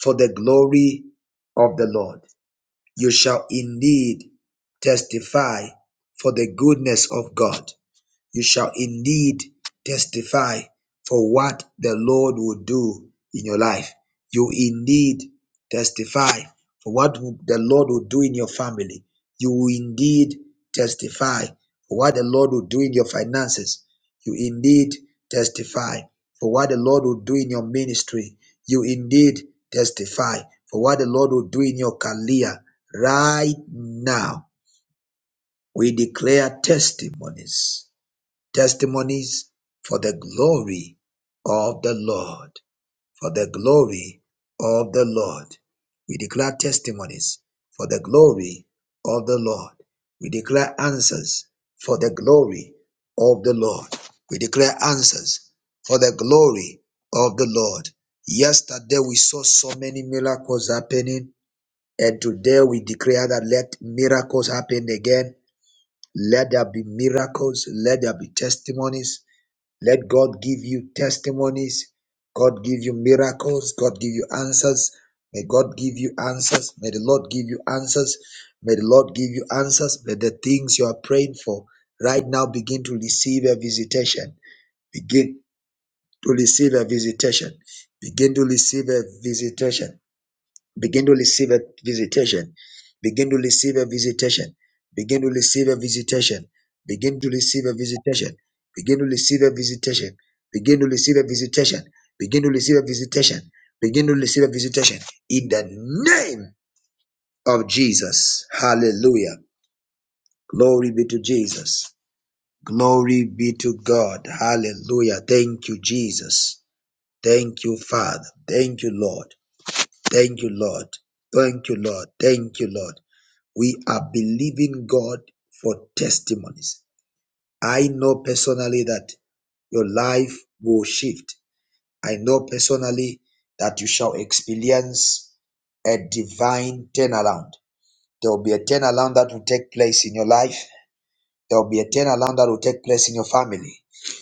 for the glory of the Lord. You shall indeed testify for the goodness of God. You shall indeed testify for what the Lord will do in your life. You indeed testify for what the Lord will do in your family. You will indeed testify for what the Lord will do in your finances. You indeed testify for what the Lord will do in your ministry. You indeed testify for what the Lord will do in your career right now. We declare testimonies testimonies for the glory of the Lord. For the glory of the Lord. We declare testimonies for the glory of the Lord. We declare answers for the glory of the Lord. We declare answers for the glory of the Lord. Yesterday we saw so many miracles happening, and today we declare that let miracles happen again. Let there be miracles, let there be testimonies, let God give you testimonies. God give you miracles. God give you answers. May God give you answers. May the Lord give you answers. May the Lord give you answers. May the things you are praying for right now begin to receive a visitation. Begin to receive a visitation. Begin to receive a visitation. Begin to receive a visitation. Begin to receive a visitation. Begin to receive a visitation. Begin to receive a visitation. Begin to receive a visitation. Begin to receive a visitation. Begin to receive a visitation. Begin to receive a visitation. In the name of Jesus. Hallelujah. Glory be to Jesus. Glory be to God. Hallelujah. Thank you, Jesus. Thank you, Father. Thank you, Lord. Thank you, Lord. Thank you, Lord. Thank you, Lord. We are believing God for testimonies. I know personally that your life will shift. I know personally that you shall experience a divine turnaround. There will be a turnaround that will take place in your life there will be a turnaround that will take place in your family.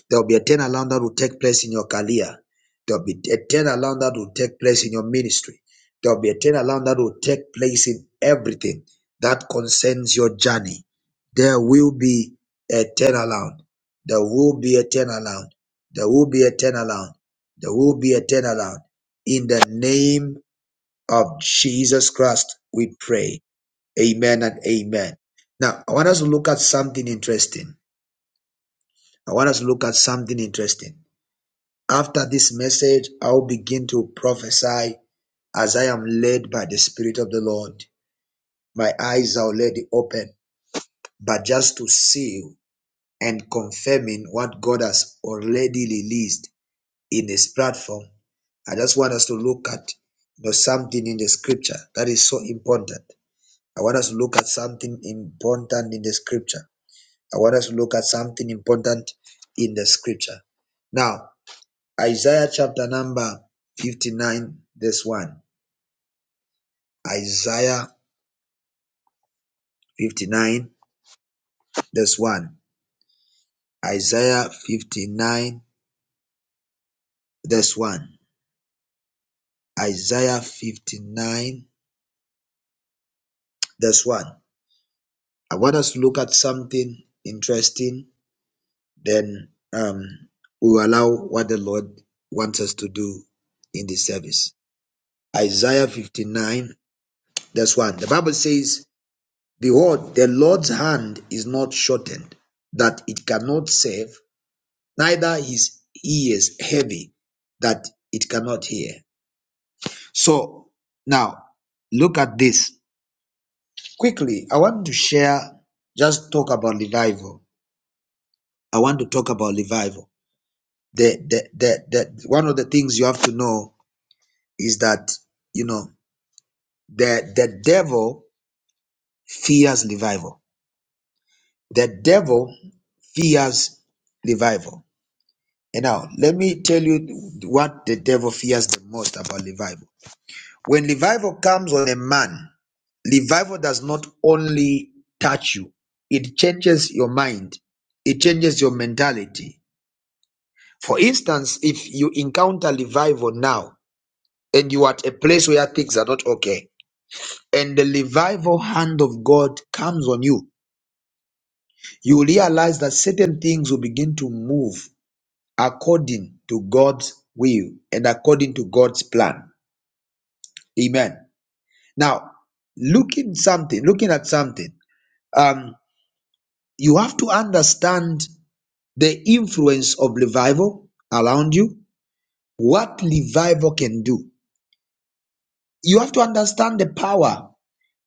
There will be a turnaround that will take place in your career. There will be a turnaround that will take place in your ministry. There will be a turnaround that will take place in everything that concerns your journey. There will be a turnaround. There will be a turnaround. There will be a turnaround. There will be a turnaround. In the name of Jesus Christ, we pray. Amen and amen. Now, I want us to look at something interesting I want us to look at something interesting. After this message, I'll begin to prophesy as I am led by the Spirit of the Lord. My eyes are already open, but just to seal and confirming what God has already released in this platform. I just want us to look at you know something in the scripture that is so important. I want us to look at something important in the scripture. I want us to look at something important in the scripture. Now, Isaiah chapter number 59, verse 1. Isaiah 59, verse 1. Isaiah 59, verse 1. Isaiah 59, verse 1. I want us to look at something interesting, then um, we will allow what the Lord wants us to do in this service. Isaiah 59, verse 1. The Bible says, Behold, the Lord's hand is not shortened, that it cannot save, neither his ears heavy that it cannot hear. So now look at this quickly. I want to share, just talk about revival. I want to talk about revival. The, the, the, the, one of the things you have to know is that, you know, the, the devil fears revival. The devil fears revival. And now let me tell you what the devil fears the most about revival. When revival comes on a man, revival does not only touch you, it changes your mind, it changes your mentality. For instance, if you encounter revival now and you are at a place where things are not okay, and the revival hand of God comes on you, you realize that certain things will begin to move according to God's will and according to God's plan. Amen. Now, looking something, looking at something. um. you have to understand the influence of revival around you, what revival can do. You have to understand the power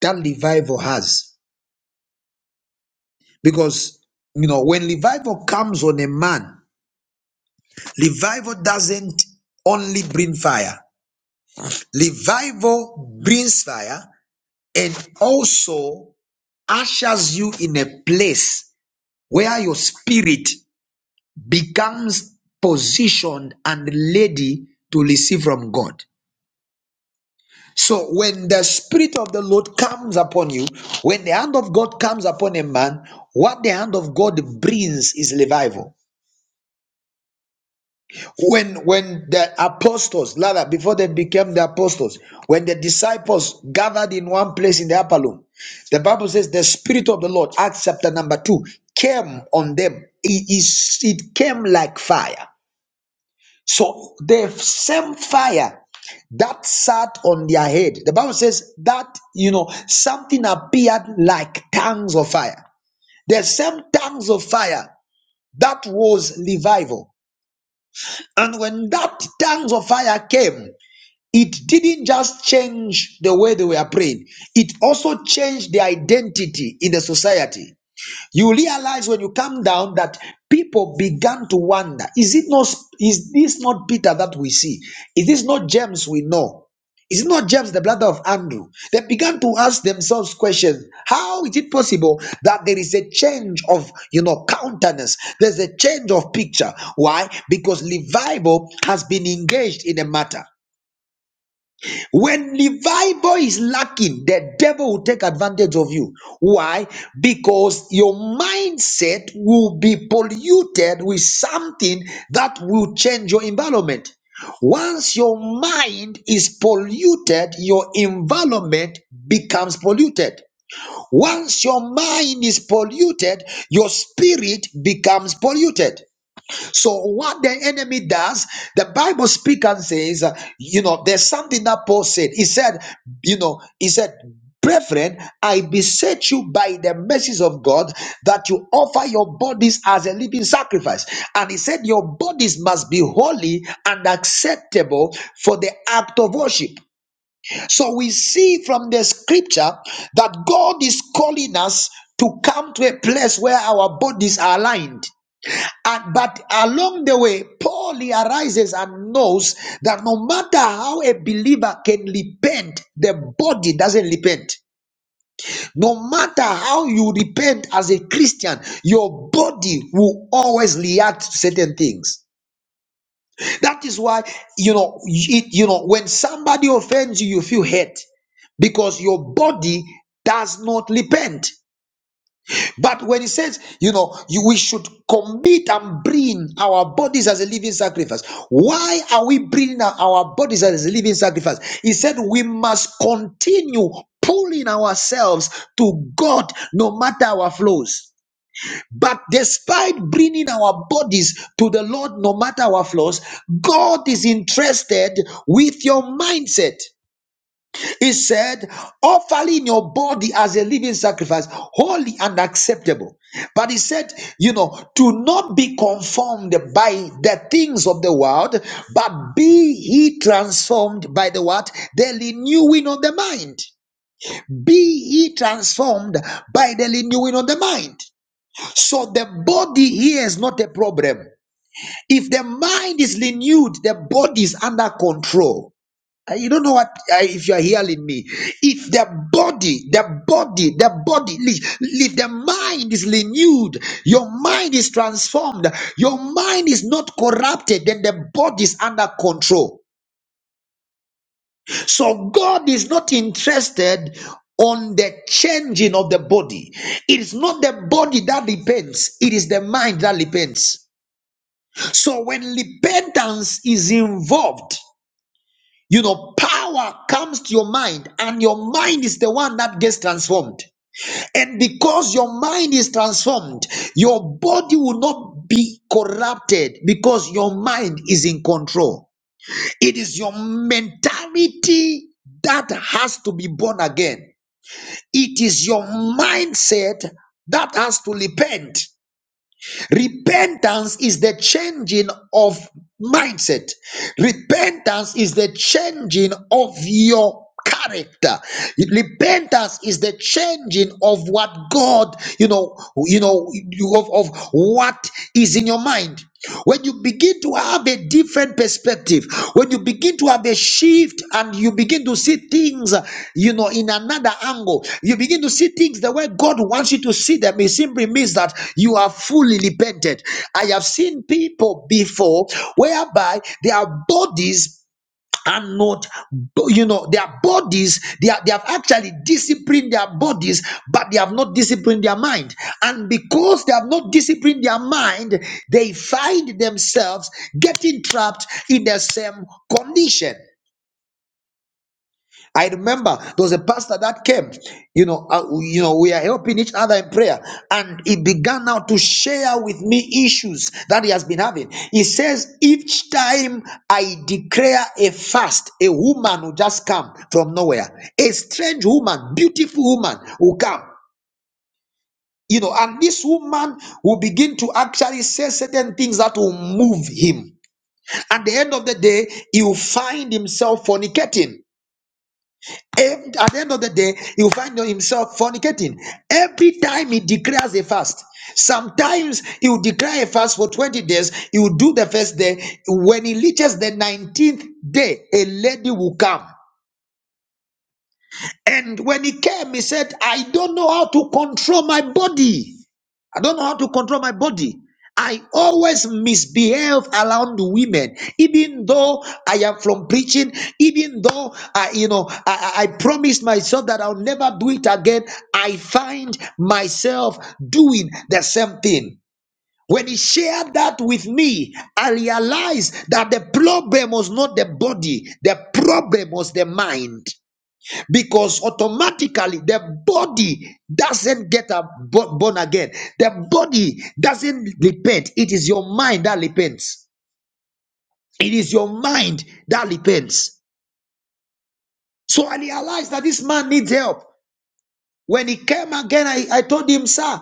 that revival has. Because, you know, when revival comes on a man, revival doesn't only bring fire, revival brings fire and also ushers you in a place where your spirit becomes positioned and ready to receive from God. So when the spirit of the Lord comes upon you, when the hand of God comes upon a man, what the hand of God brings is revival. When when the apostles, rather before they became the apostles, when the disciples gathered in one place in the upper room, the Bible says the spirit of the Lord, Acts chapter number two, came on them. It is it came like fire. So the same fire that sat on their head, the Bible says that, you know, something appeared like tongues of fire. The same tongues of fire that was revival. And when that tongues of fire came, it didn't just change the way they were praying, it also changed the identity in the society you realize when you come down that people began to wonder is it not is this not peter that we see is this not james we know is it not james the brother of andrew they began to ask themselves questions how is it possible that there is a change of you know countenance there's a change of picture why because revival has been engaged in a matter when revival is lacking, the devil will take advantage of you. Why? Because your mindset will be polluted with something that will change your environment. Once your mind is polluted, your environment becomes polluted. Once your mind is polluted, your spirit becomes polluted. So what the enemy does, the Bible speaks and says, uh, you know, there's something that Paul said. He said, you know, he said, brethren, I beseech you by the mercies of God that you offer your bodies as a living sacrifice. And he said, your bodies must be holy and acceptable for the act of worship. So we see from the scripture that God is calling us to come to a place where our bodies are aligned. And but along the way, Paul realizes and knows that no matter how a believer can repent, the body doesn't repent. No matter how you repent as a Christian, your body will always react to certain things. That is why you know it, you know when somebody offends you, you feel hurt because your body does not repent. But when he says, you know, you, we should commit and bring our bodies as a living sacrifice, why are we bringing our our bodies as a living sacrifice? He said, we must continue pulling ourselves to God no matter our flaws. But despite bringing our bodies to the Lord no matter our flaws, God is interested with your mindset. He said, offering your body as a living sacrifice, holy and acceptable. But he said, you know, to not be conformed by the things of the world, but be ye transformed by the what? The renewing of the mind. Be ye transformed by the renewing of the mind. So the body here is not a problem. If the mind is renewed, the body is under control. Uh, You don't know what uh, if you are hearing me. If the body, the body, the body, li- li- the mind is renewed, your mind is transformed, your mind is not corrupted, then the body is under control. So God is not interested on the changing of the body. It is not the body that repents; it is the mind that repents. So when repentance is involved. You know, power comes to your mind, and your mind is the one that gets transformed. And because your mind is transformed, your body will not be corrupted because your mind is in control. It is your mentality that has to be born again, it is your mindset that has to repent. Repentance is the changing of mindset. Repentance is the changing of your character. Repentance is the changing of what God, you know, you know, of, of what is in your mind when you begin to have a different perspective when you begin to have a shift and you begin to see things uh, you know in another angle you begin to see things the way god wants you to see them it simply means that you are fully repented i have seen people before whereby their bodies and not you know their bodies they, are, they have actually disciplined their bodies but they have not disciplined their mind and because they have not disciplined their mind they find themselves getting trapped in the same condition I remember there was a pastor that came, you know, uh, you know, we are helping each other in prayer, and he began now to share with me issues that he has been having. He says, each time I declare a fast, a woman will just come from nowhere, a strange woman, beautiful woman will come. You know, and this woman will begin to actually say certain things that will move him. At the end of the day, he will find himself fornicating Em- at the end of the day, he will find himself fornicating. Every time he declares a fast, sometimes he will declare a fast for 20 days, he will do the first day. When he reaches the 19th day, a lady will come. And when he came, he said, I don't know how to control my body. I don't know how to control my body. I always misbehave around women, even though I am from preaching, even though I, you know, I, I promised myself that I'll never do it again. I find myself doing the same thing. When he shared that with me, I realized that the problem was not the body, the problem was the mind because automatically the body doesn't get a bo- born again the body doesn't repent it is your mind that repents it is your mind that repents so i realized that this man needs help when he came again i, I told him sir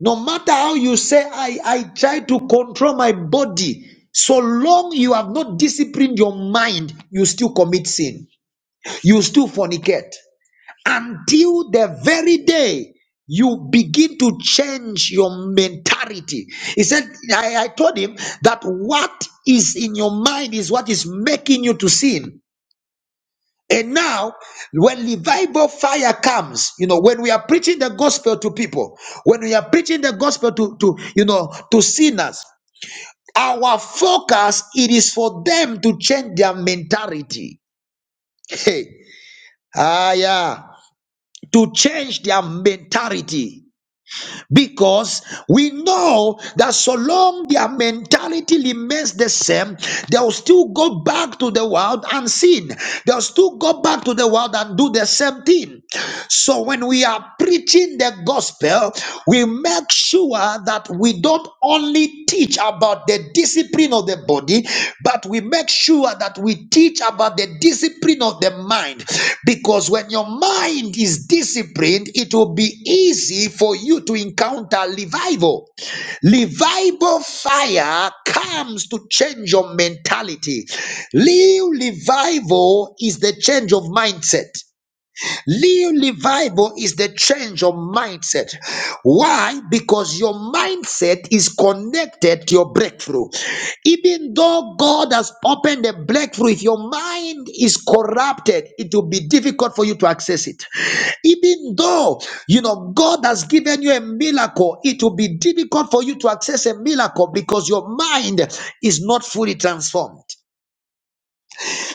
no matter how you say i i try to control my body so long you have not disciplined your mind you still commit sin you still fornicate until the very day you begin to change your mentality. He said, I, I told him that what is in your mind is what is making you to sin. And now, when revival fire comes, you know, when we are preaching the gospel to people, when we are preaching the gospel to, to you know, to sinners, our focus it is for them to change their mentality. Hey, ah, yeah, to change their mentality. because we know that so long their mentality remains the same, they'll still go back to the world and sin. They'll still go back to the world and do the same thing. So when we are preaching the gospel, we make sure that we don't only teach about the discipline of the body, but we make sure that we teach about the discipline of the mind. Because when your mind is disciplined, it will be easy for you to encounter revival. Revival fire comes to change your mentality. Real revival is the change of mindset. New revival is the change of mindset. Why? Because your mindset is connected to your breakthrough. Even though God has opened a breakthrough, if your mind is corrupted, it will be difficult for you to access it. Even though you know God has given you a miracle, it will be difficult for you to access a miracle because your mind is not fully transformed.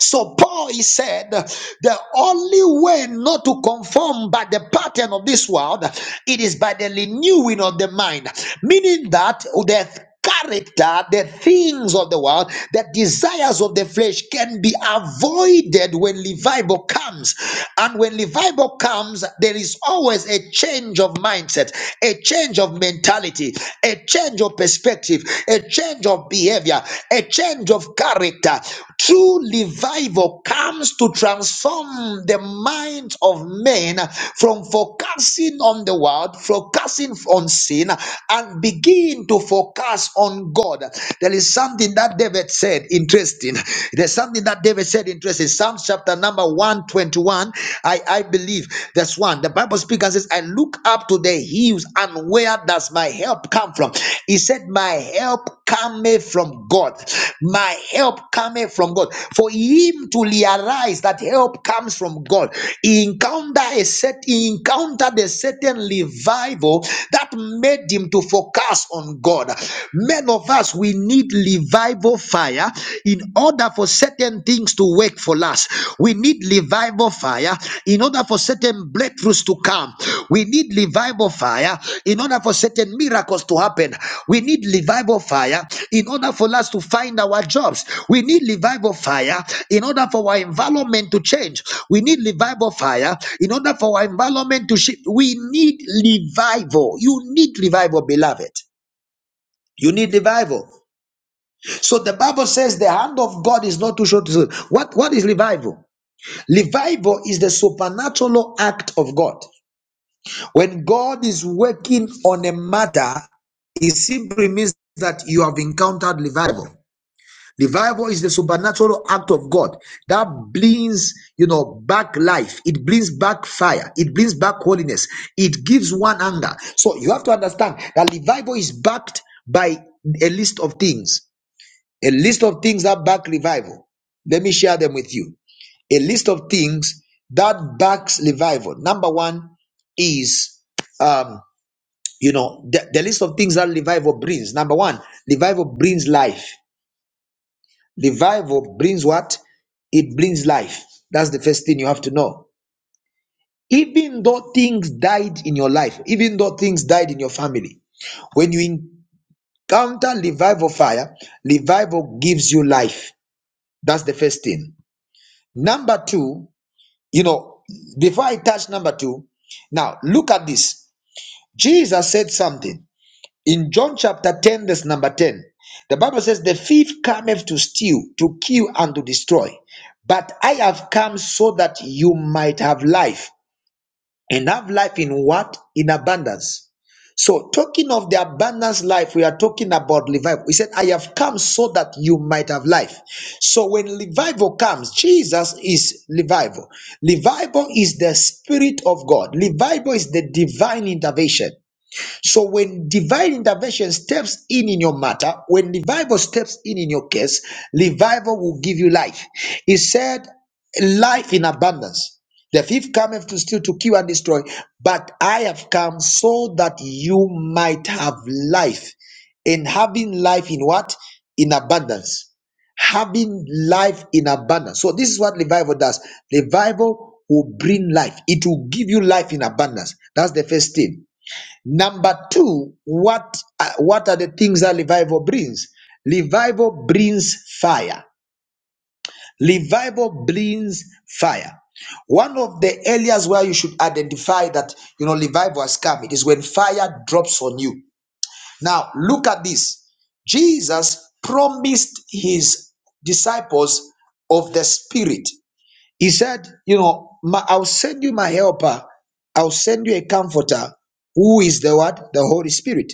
So Paul he said the only way not to conform by the pattern of this world it is by the renewing of the mind, meaning that the character, the things of the world, the desires of the flesh can be avoided when revival comes. And when revival comes, there is always a change of mindset, a change of mentality, a change of of perspective, a change of behavior, a change of character. True revival comes to transform the minds of men from focusing on the world, focusing on sin, and begin to focus on God. There is something that David said interesting. There's something that David said interesting. Psalm chapter number 121, I, I believe that's one. 1, the Bible speaker says, I look up to the hills and where does my help come from? He said, My help cometh from God. My help cometh from God. For him to realize that help comes from God, he encounter a set, he encountered a certain revival that made him to focus on God. Many of us we need revival fire in order for certain things to work for us. We need revival fire in order for certain breakthroughs to come. We need revival fire in order for certain miracles to happen. We need revival fire in order for us to find our jobs. We need revival fire in order for our environment to change. We need revival fire in order for our environment to shift. We need revival. You need revival, beloved. You need revival. So the Bible says the hand of God is not too short to show. What, what is revival? Revival is the supernatural act of God. When God is working on a matter, it simply means that you have encountered revival. Revival is the supernatural act of God that brings, you know, back life. It brings back fire. It brings back holiness. It gives one anger. So you have to understand that revival is backed by a list of things. A list of things that back revival. Let me share them with you. A list of things that backs revival. Number one is, um, you know, the, the list of things that revival brings. Number one, revival brings life. Revival brings what? It brings life. That's the first thing you have to know. Even though things died in your life, even though things died in your family, when you encounter revival fire, revival gives you life. That's the first thing. Number two, you know, before I touch number two, now look at this. Jesus said something in John chapter 10, verse number 10. The Bible says, The thief cometh to steal, to kill, and to destroy. But I have come so that you might have life and have life in what? In abundance. So, talking of the abundance life, we are talking about revival. He said, I have come so that you might have life. So, when revival comes, Jesus is revival. Revival is the Spirit of God, revival is the divine intervention. So when divine intervention steps in in your matter, when revival steps in in your case, revival will give you life. He said, life in abundance. The thief cometh to steal, to kill, and destroy, but I have come so that you might have life. And having life in what? In abundance. Having life in abundance. So, this is what revival does. Revival will bring life, it will give you life in abundance. That's the first thing. Number two, what uh, what are the things that revival brings? Revival brings fire. Revival brings fire. One of the areas where you should identify that you know revival has come, it is when fire drops on you. Now look at this. Jesus promised his disciples of the Spirit. He said, you know, "My- I'll send you my helper. I'll send you a comforter who is the what? The Holy Spirit.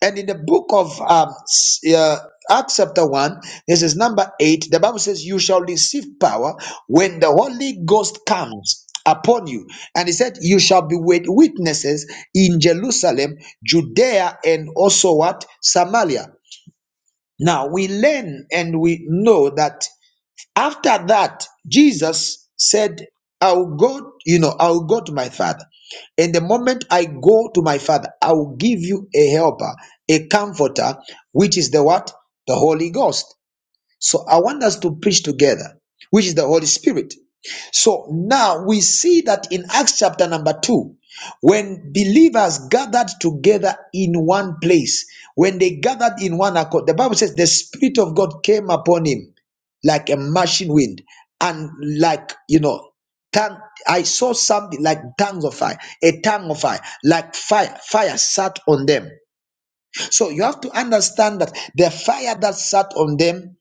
And in the book of um, s- uh, Acts, chapter 1, this is number 8, the Bible says, You shall receive power when the Holy Ghost comes upon you. And he said, You shall be wit- witnesses in Jerusalem, Judea, and also what? Samaria. Now we learn and we know that after that jesus said i will go you know i will go to my father and the moment i go to my father i will give you a helper a comforter which is the what the holy ghost so I want us to preach together, which is the Holy Spirit. So now we see that in Acts chapter number 2, when believers gathered together in one place, when they gathered in one accord, the Bible says the Spirit of God came upon him like a rushing wind and like, you know, tongue. I saw something like tongues of fire, a tongue of fire, like fire. Fire sat on them. So you have to understand that the fire that sat on them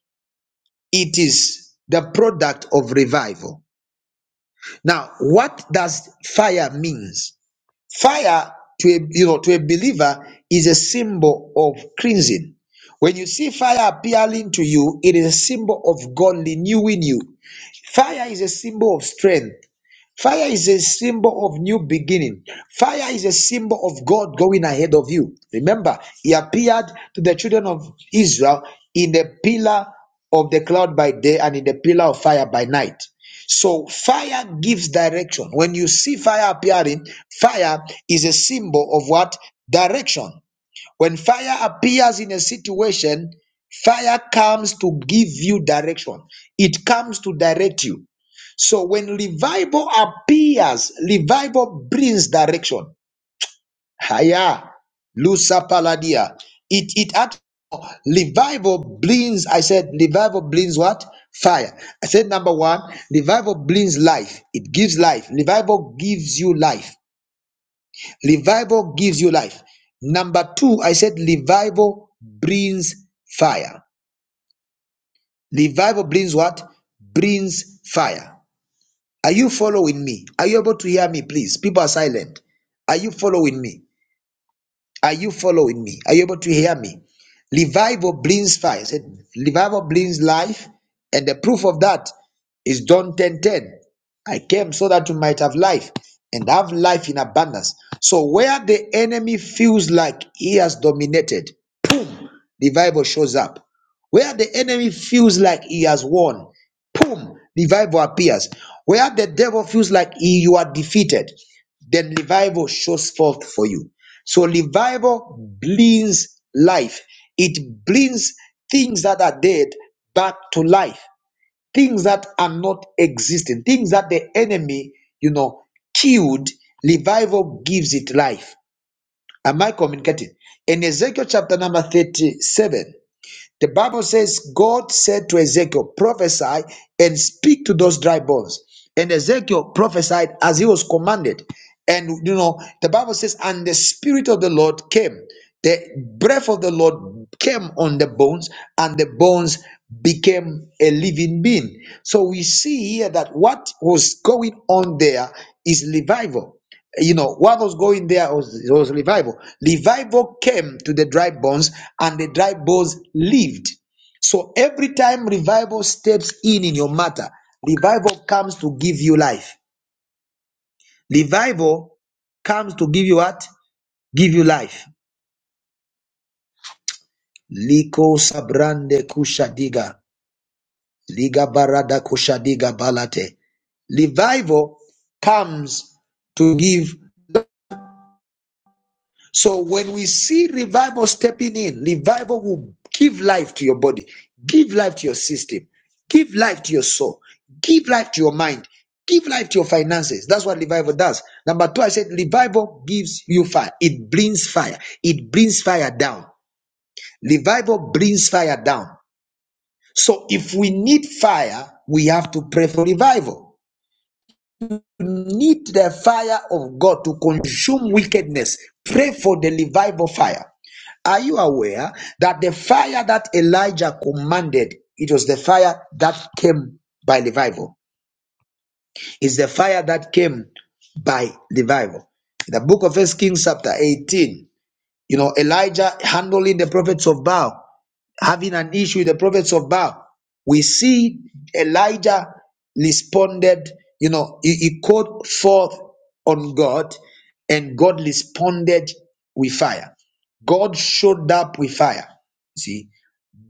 it is the product of revival. Now, what does fire means? Fire to a you know to a believer is a symbol of cleansing. When you see fire appealing to you, it is a symbol of God renewing you. Fire is a symbol of strength. Fire is a symbol of new beginning. Fire is a symbol of God going ahead of you. Remember, He appeared to the children of Israel in the pillar of the cloud by day and in the pillar of fire by night. So, fire gives direction. When you see fire appearing, fire is a symbol of what? Direction. When fire appears in a situation, fire comes to give you direction, it comes to direct you. So when revival appears, revival brings direction. Haya, lusa paladia. It it at revival brings. I said revival brings what? Fire. I said number one, revival brings life. It gives life. Revival gives you life. Revival gives you life. Number two, I said revival brings fire. Revival brings what? Brings fire. Are you following me? Are you able to hear me, please? People are silent. Are you following me? Are you following me? Are you able to hear me? Revival brings fire. He said, Revival brings life, and the proof of that is John 10 10. I came so that you might have life and have life in abundance. So, where the enemy feels like he has dominated, the Bible shows up. Where the enemy feels like he has won, boom, revival appears. Where the devil feels like he, you are defeated, then revival shows forth for you. So revival brings life. It brings things that are dead back to life. Things that are not existing. Things that the enemy, you know, killed. Revival gives it life. Am I communicating? In Ezekiel chapter number 37, the Bible says, God said to Ezekiel, prophesy and speak to those dry bones. And Ezekiel prophesied as he was commanded. And you know, the Bible says, and the Spirit of the Lord came. The breath of the Lord came on the bones, and the bones became a living being. So we see here that what was going on there is revival you know what was going there was, was revival revival came to the dry bones and the dry bones lived so every time revival steps in in your matter revival comes to give you life revival comes to give you what give you life liko sabrande kushadiga liga barada kushadiga balate revival comes to give So when we see revival stepping in, revival will give life to your body, give life to your system, give life to your soul, give life to your mind, give life to your finances. That's what revival does. Number two, I said revival gives you fire. It brings fire. It brings fire down. Revival brings fire down. So if we need fire, we have to pray for revival need the fire of God to consume wickedness. Pray for the revival fire. Are you aware that the fire that Elijah commanded, it was the fire that came by revival? It's the fire that came by revival. In the book of First Kings, chapter 18, you know, Elijah handling the prophets of Baal having an issue with the prophets of Baal. We see Elijah responded, you know, he, he called forth on God and God responded with fire. God showed up with fire. See,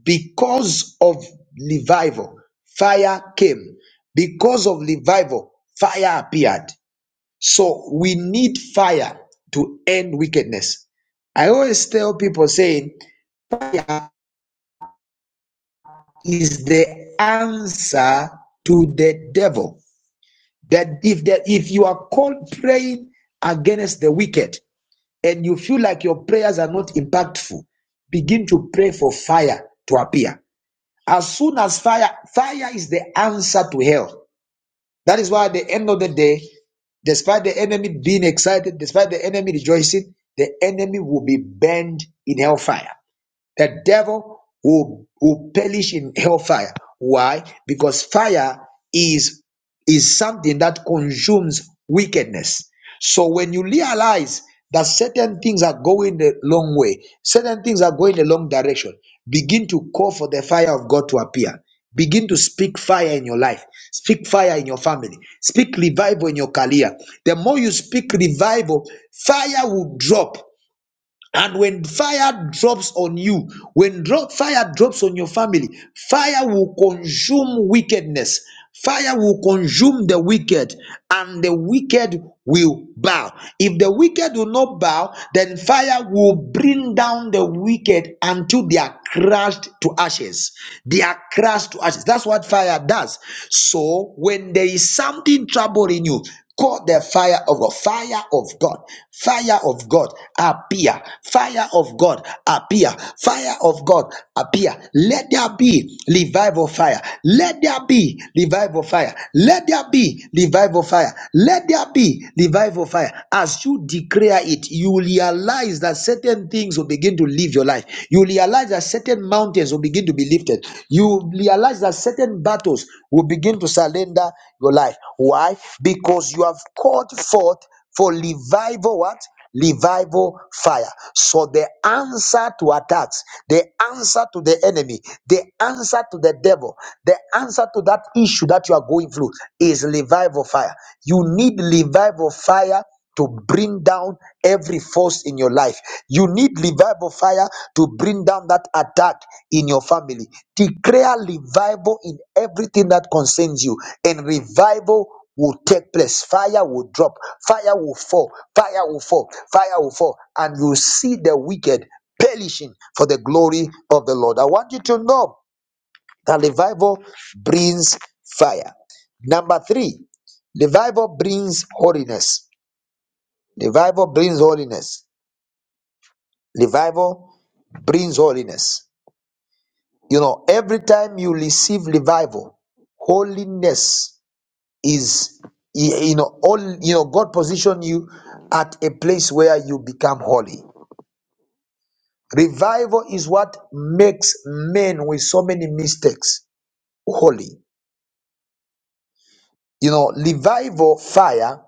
because of revival, fire came. Because of revival, fire appeared. So we need fire to end wickedness. I always tell people saying, is the answer to the devil. That if that if you are called praying against the wicked and you feel like your prayers are not impactful, begin to pray for fire to appear. As soon as fire, fire is the answer to hell. That is why at the end of the day, despite the enemy being excited, despite the enemy rejoicing, the enemy will be burned in hellfire. The devil will, will perish in hellfire. Why? Because fire is, is something that consumes wickedness. So when you realize that certain things are going the long way, certain things are going the long direction, begin to call for the fire of God to appear. Begin to speak fire in your life. Speak fire in your family. Speak revival in your career. The more you speak revival, fire will drop and when fire drops on you, when dro- fire drops on your family, fire will consume wickedness. Fire will consume the wicked, and the wicked will bow. If the wicked will not bow, then fire will bring down the wicked until they are crushed to ashes. They are crushed to ashes. That's what fire does. So, when there is something troubling you, Call the fire of God, fire of God, fire of God, appear, fire of God, appear, fire of God, appear. Let there be revival fire, let there be revival fire, let there be revival fire, let there be revival fire. As you declare it, you realize that certain things will begin to leave your life. You realize that certain mountains mountains will begin to be lifted. You realize that certain battles will begin to surrender your life. Why? Because you have called forth for revival what? Revival fire. So the answer to attacks, the answer to the enemy, the answer to the devil, the answer to that issue that you are going through is revival fire. You need revival fire to bring down every force in your life. You need revival fire to bring down that attack in your family. Declare revival in everything that concerns you, and revival will take place. Fire will drop, fire will fall, fire will fall, fire will fall, and you see the wicked perishing for the glory of the Lord. I want you to know that revival brings fire. Number three, revival brings holiness. Revival brings holiness. Revival brings holiness. You know, every time you receive revival, holiness is you you know all you know God position you at a place where you become holy. Revival is what makes men with so many mistakes holy. you know, revival fire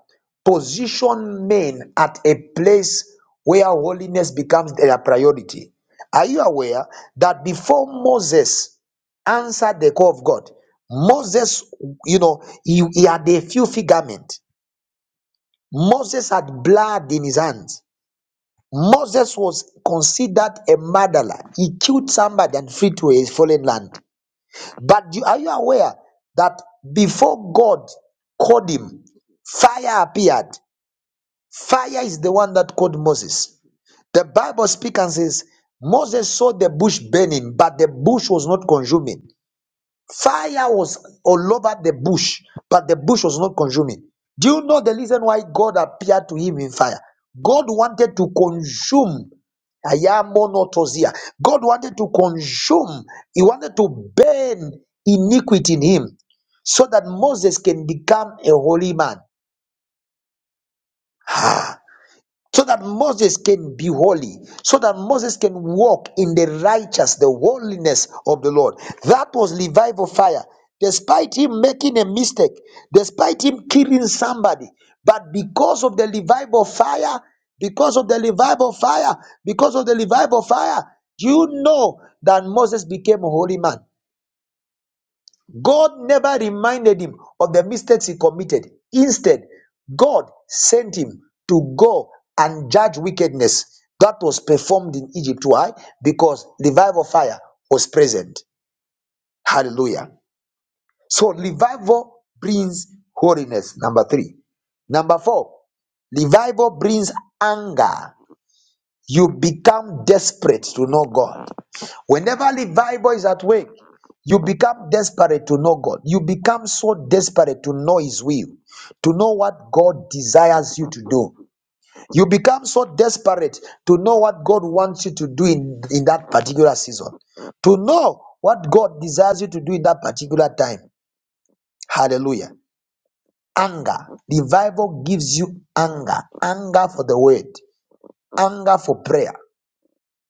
position men at a place where holiness becomes their priority. Are you aware that before Moses answered the call of God, Moses, you know, he, he had a filthy garment. Moses had blood in his hands. Moses was considered a murderer. He killed somebody and fled to a fallen land. But you, are you aware that before God called him, fire appeared? Fire is the one that called Moses. The Bible speaks and says, Moses saw the bush burning, but the bush was not consuming. Fire was all over the bush, but the bush was not consuming. Do you know the reason why God appeared to him in fire? God wanted to consume Ayamonotosia. God wanted to consume, he wanted to burn iniquity in him so that Moses can become a holy man. [SIGHS] so that Moses can be holy, so that Moses can walk in the righteous, the holiness of the Lord. That was Levi for fire. Despite him making a mistake, despite him killing somebody, but because of the Levi of fire, because of the Levi of fire, because of the Levi of fire, do you know that Moses became a holy man? God never reminded him of the mistakes he committed. Instead, God sent him to go and judge wickedness that was performed in Egypt. Why? Because revival fire was present. Hallelujah. So, revival brings holiness. Number three. Number four, revival brings anger. You become desperate to know God. Whenever Levible is at work, you become desperate to know God. You become so desperate to know His will, to know what God desires you to do. You become so desperate to know what God wants you to do in, in that particular season, to know what God desires you to do in that particular time. Hallelujah. Anger. Revival gives you anger, anger for the word, anger for prayer.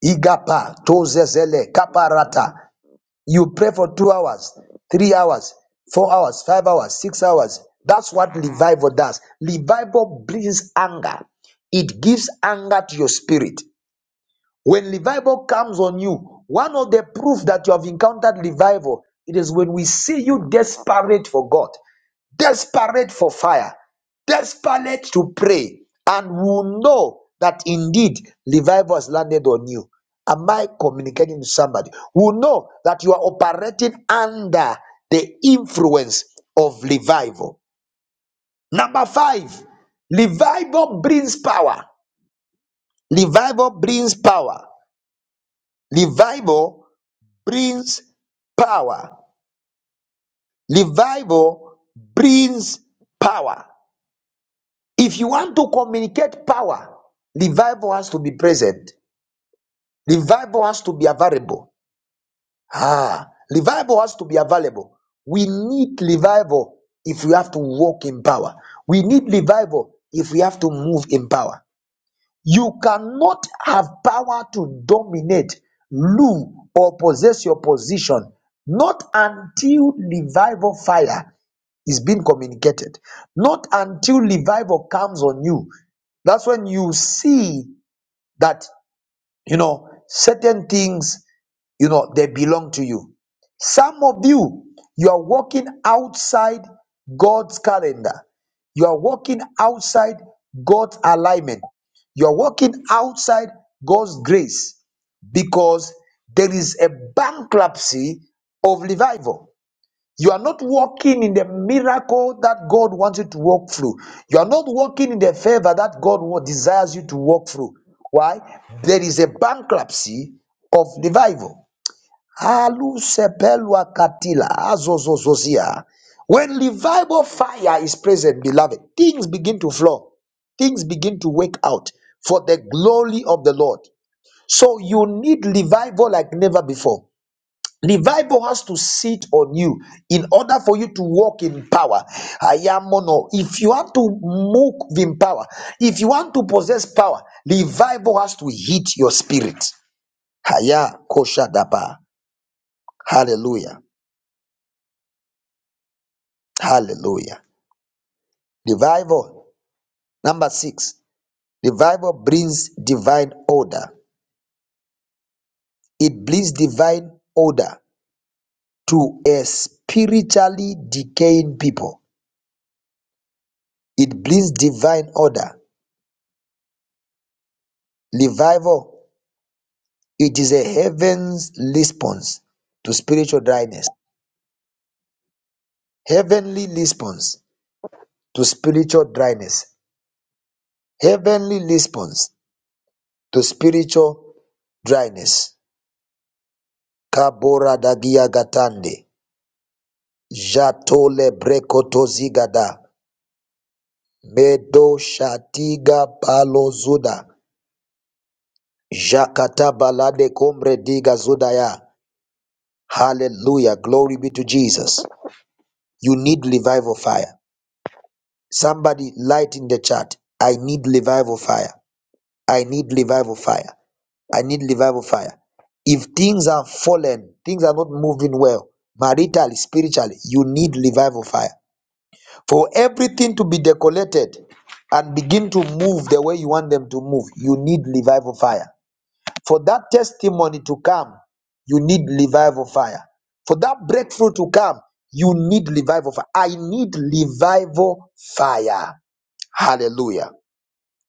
Igapa, tozezele, kaparata. You pray for two hours, three hours, four hours, five hours, six hours. That's what revival does. Revival brings anger, it gives anger to your spirit. When revival comes on you, one of the proof that you have encountered revival, it is when we see you desperate for God desperate for fire, desperate to pray, and will know that indeed revival has landed on you. Am I communicating to somebody? Will know that you are operating under the influence of revival. Number five, revival brings power. Revival brings power. Revival brings power. Revival brings power. If you want to communicate power, revival has to be present. Revival has to be available. Ah, revival has to be available. We need revival if we have to walk in power. We need revival if we have to move in power. You cannot have power to dominate, rule, or possess your position, not until revival fire is being communicated. Not until revival comes on you. That's when you see that, you know, certain things, you know, they belong to you. Some of you, you are walking outside God's calendar. You are walking outside God's alignment. You are walking outside God's grace because there is a bankruptcy of revival. You are not walking in the miracle that God wants you to walk through. You are not walking in the favor that God wa- desires you to walk through. Why? There is a bankruptcy of revival. Alu sepelwa katila, azozozozia. When revival fire is present, beloved, things begin to flow things begin to work out for the glory of the Lord. So you need revival like never before. Revival has to sit on you in order for you to walk in power. Ayamono. If you want to move in power, if you want to possess power, revival has to hit your spirit. Haya kosha daba. Hallelujah. Hallelujah. Revival. Number six. Revival brings divine order. It brings divine order to a spiritually decaying people. It brings divine order. Revival It is a heaven's response to spiritual dryness. Heavenly response to spiritual dryness. Heavenly response to spiritual dryness. Kabora dagia gatande. Jatole brekoto zigada. Medo shatiga palo zuda. Jakata balade kombre diga zudaya. Hallelujah. Glory be to Jesus. You need revival fire. Somebody light in the chat. I need revival fire. I need revival fire. I need revival fire. If things are fallen, things are not moving well, maritally, spiritually, you need revival fire. For everything to be decollated and begin to move the way you want them to move, you need revival fire. For that testimony to come, you need revival fire. For that breakthrough to come, you need revival fire. I need revival fire. Hallelujah.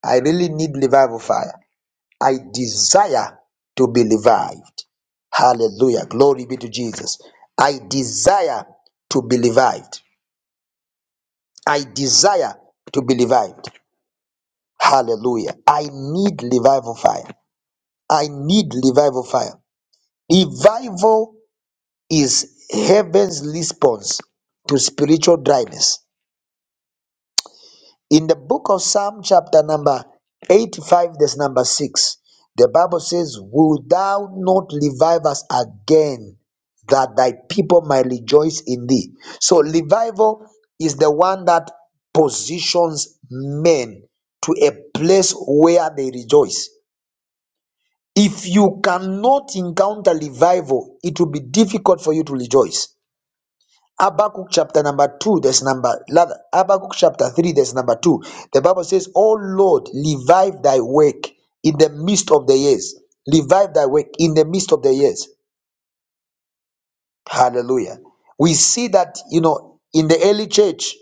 I really need revival fire. I desire to be revived. Hallelujah. Glory be to Jesus. I desire to be revived. I desire to be revived. Hallelujah. I need revival fire. I need revival fire. Revival is heaven's response to spiritual dryness. In the book of Psalm, chapter number 85, verse number 6, the Bible says, Will thou not revive us again, that thy people might rejoice in thee? So, revival is the one that positions men to a place where they rejoice. If you cannot encounter revival, it will be difficult for you to rejoice. Habakkuk chapter number 2, there's number, rather, Habakkuk chapter 3, there's number 2. The Bible says, O Lord, revive thy work in the midst of the years. Revive thy work in the midst of the years. Hallelujah. We see that, you know, in the early church,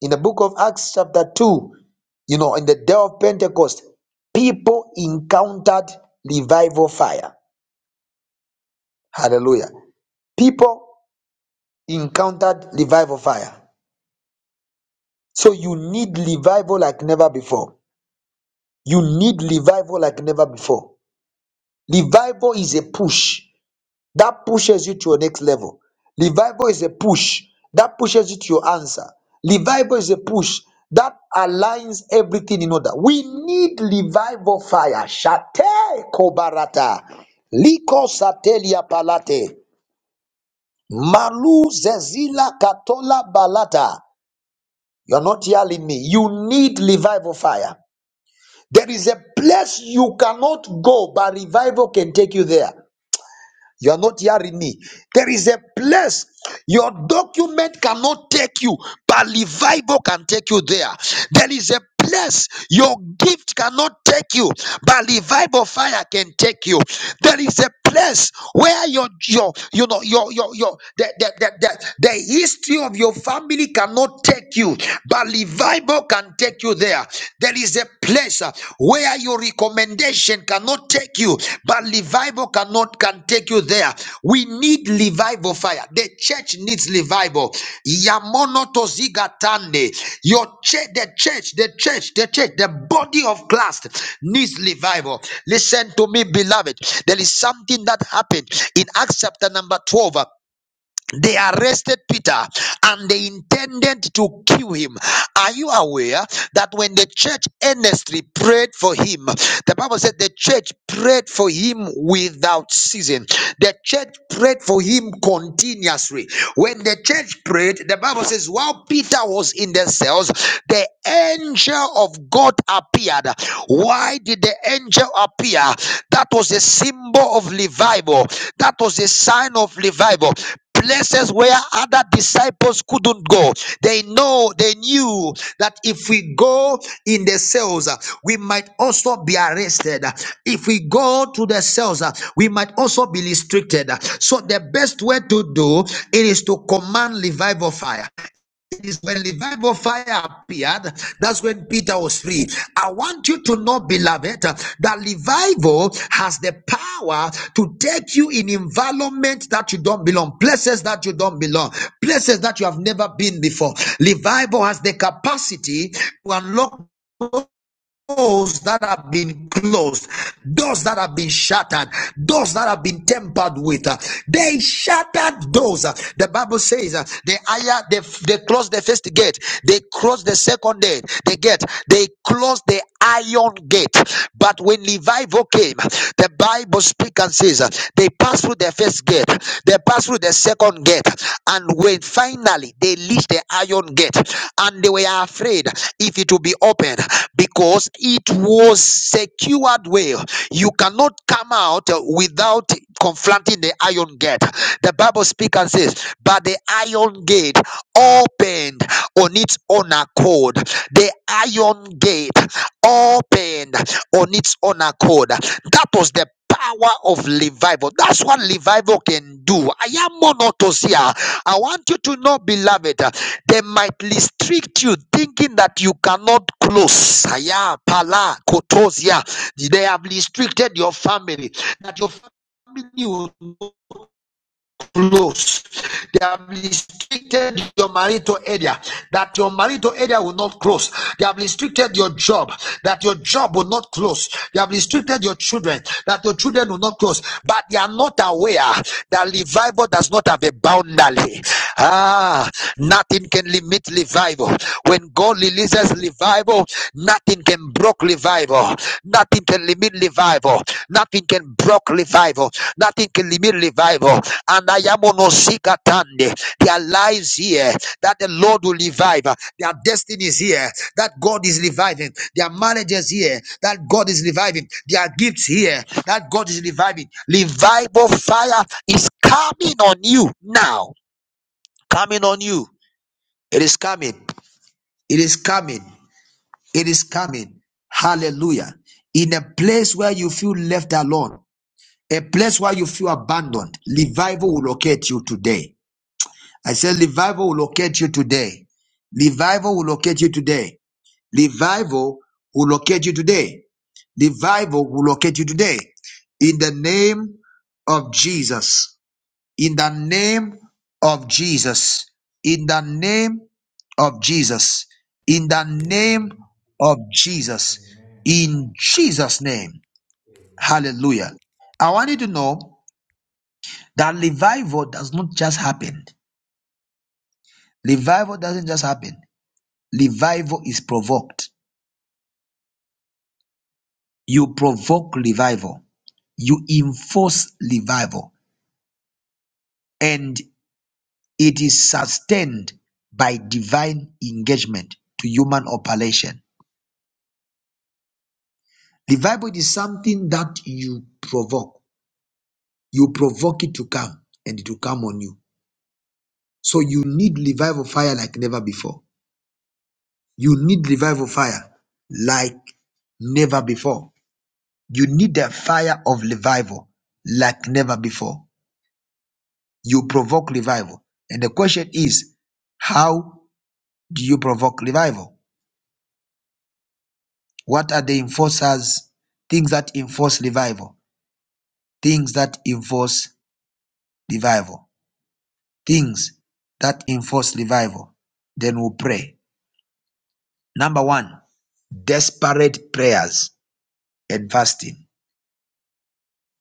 in the book of Acts chapter 2, you know, in the day of Pentecost, people encountered revival fire. Hallelujah. People encountered revival fire. So you need revival like never before. You need revival like never before. Revival is a push that pushes you to your next level. Revival is a push that pushes you to your answer. Revival is a push that aligns everything in order. We need revival fire. Shate kobarata. Liko satelia palate. Malu zezila katola balata. You're not yelling me. You need revival fire. There is a place you cannot go, but revival can take you there. You are not hearing me. There is a place your document cannot take you, but revival can take you there. There is a place your gift cannot take you, but revival fire can take you. There is a place where your your you know your your your the the, the, the, the history of your family cannot take you, but revival can take you there prayer. There is a place uh, where your recommendation cannot take you, but revival cannot can take you there. We need revival fire. The church needs revival. Yamono tozigatande. Your church, the church, the church, the church, the body of Christ needs revival. Listen to me, beloved. There is something that happened in Acts chapter number 12. uh, they arrested Peter and they intended to kill him. Are you aware that when the church earnestly prayed for him, the Bible said the church prayed for him without ceasing. The church prayed for him continuously. When the church prayed, the Bible says, while Peter was in the cells, the angel of God appeared. Why did the angel appear? That was a symbol of revival. That was a sign of revival places where other disciples couldn't go. They know, they knew that if we go in the cells, uh, we might also be arrested. If we go to the cells, uh, we might also be restricted. So the best way to do it is to command revival fire. Is when revival fire appeared, that's when Peter was free. I want you to know, beloved, that revival has the power to take you in environment that you don't belong, places that you don't belong, places that you have never been before. Revival has the capacity to unlock doors that have been closed, doors that have been shattered, doors that have been tempered with. uh, They shattered doors. Uh, The Bible says uh, they higher they, they closed the first gate, they close the second gate, they get they close the iron gate. But when revival came, the Bible speaks and says uh, they passed through the first gate, they passed through the second gate, and when finally they reached the iron gate, and they were afraid if it will be opened because it was secured well. You cannot come out uh, without confronting the iron gate. The Bible speaks and says, But the iron gate opened on its own accord. The iron gate opened on its own accord. That was the power of revival. That's what revival can do. I am Monotosia. I want you to know, beloved, uh, they might restrict you thinking that you cannot close. Aya, pala, kotosia. They have restricted your family that your family. will close. They have restricted your marital area that your marital area will not close. They have restricted your job that your job will not close. They have restricted your children that your children will not close. But they are not aware that revival does not have a boundary. Ah, nothing can limit revival. When God releases revival, nothing can block revival. Nothing can limit revival. Nothing can block revival. Nothing can limit revival. And I am on Osikatande. There are lives here that the Lord will revive. Their destiny is here that God is reviving. Their marriages here that God is reviving. Their gifts here that God is reviving. Revival fire is coming on you now coming on you. It is coming. It is coming. It is coming. Hallelujah. In a place where you feel left alone, a place where you feel abandoned, revival will locate you today. I said, revival will locate you today. Revival will locate you today. Revival will locate you today. Revival will locate you today. In the name of Jesus. in the name of Jesus. In the name of Jesus. In the name Amen. of Jesus. Amen. In Jesus' name. Amen. Hallelujah. I want you to know that revival does not just happen. Revival doesn't just happen. Revival is provoked. You provoke revival. You enforce revival. And it is sustained by divine engagement to human operation. The Revival is something that you provoke. You provoke it to come and it will come on you. So you need revival fire like never before. You need revival fire like never before. You need the fire of revival like never before. You provoke revival. And the question is, how do you provoke revival? What are the enforcers? Things that enforce revival. Things that enforce revival. things that enforce revival. Then we'll pray. Number one, desperate prayers and fasting.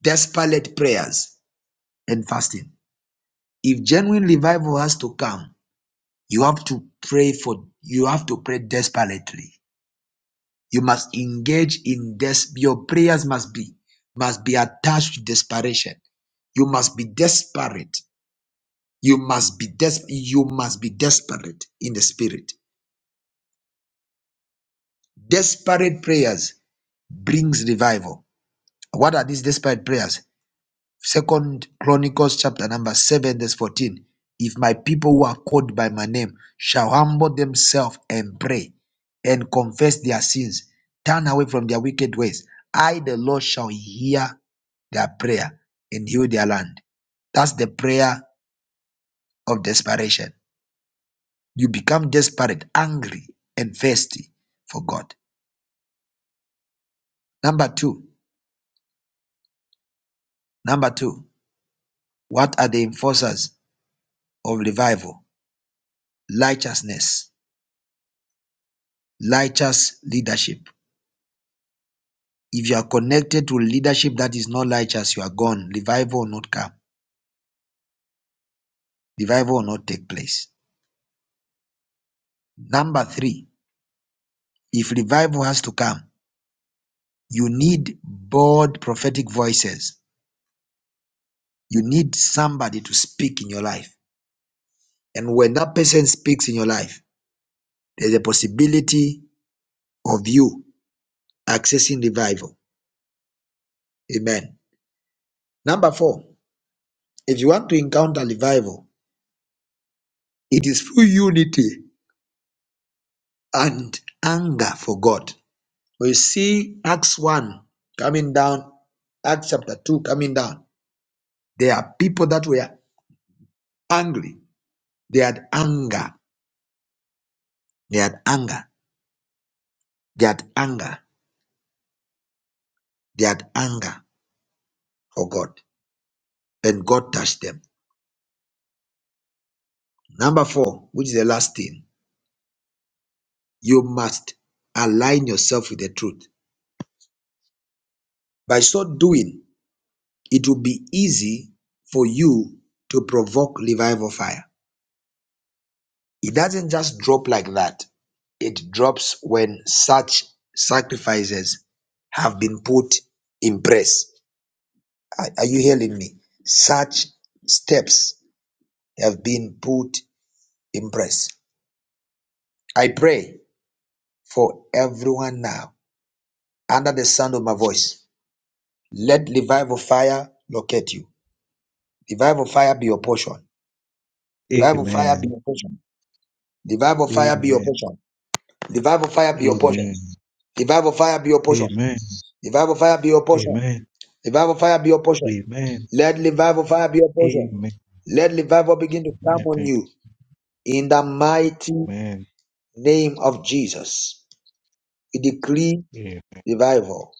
Desperate prayers and fasting. If genuine revival has to come, you have to pray for you have to pray desperately. You must engage in this. Your prayers must be must be attached to desperation. You must be desperate. You must be des- you must be desperate in the spirit. Desperate prayers brings revival. What are these desperate prayers? Second Chronicles chapter number seven, verse 14. If my people who are called by my name shall humble themselves and pray and confess their sins, turn away from their wicked ways, I the Lord shall hear their prayer and heal their land. That's the prayer of desperation. You become desperate, angry, and thirsty for God. Number two, number two. What are the enforcers of revival? Righteousness, righteous leadership. If you are connected to leadership that is not righteous, you are gone. Revival will not come. Revival will not take place. Number three, if revival has to come, you need bold prophetic voices. You need somebody to speak in your life. And when that person speaks in your life, there's a possibility of you accessing revival. Amen. Number four, if you want to encounter revival, It is through unity and anger for God. We see Acts 1 coming down, Acts chapter 2 coming down. There are people that were angry. They had anger. They had anger. They had anger. They had anger for God. And God touched them. Number four, which is the last thing, you must align yourself with the truth. By so doing, it will be easy for you to provoke revival fire It doesn't just drop like that. It drops when such sacrifices have been put in place. Are, are you hearing me? Such steps have been put in place. I pray for everyone now under the sound of my voice. Let revival fire locate you. Revival fire be your portion. Revival fire be Amen. your portion. Revival Amen. fire be your Amen. portion. Revival fire be your portion. Revival fire be your portion. Amen. Revival fire be your portion. Amen. Revival fire be your portion. Amen. Let revival fire be your portion. Amen. Let revival begin to I come on think. you in the mighty Amen. name of Jesus. We decree Amen. revival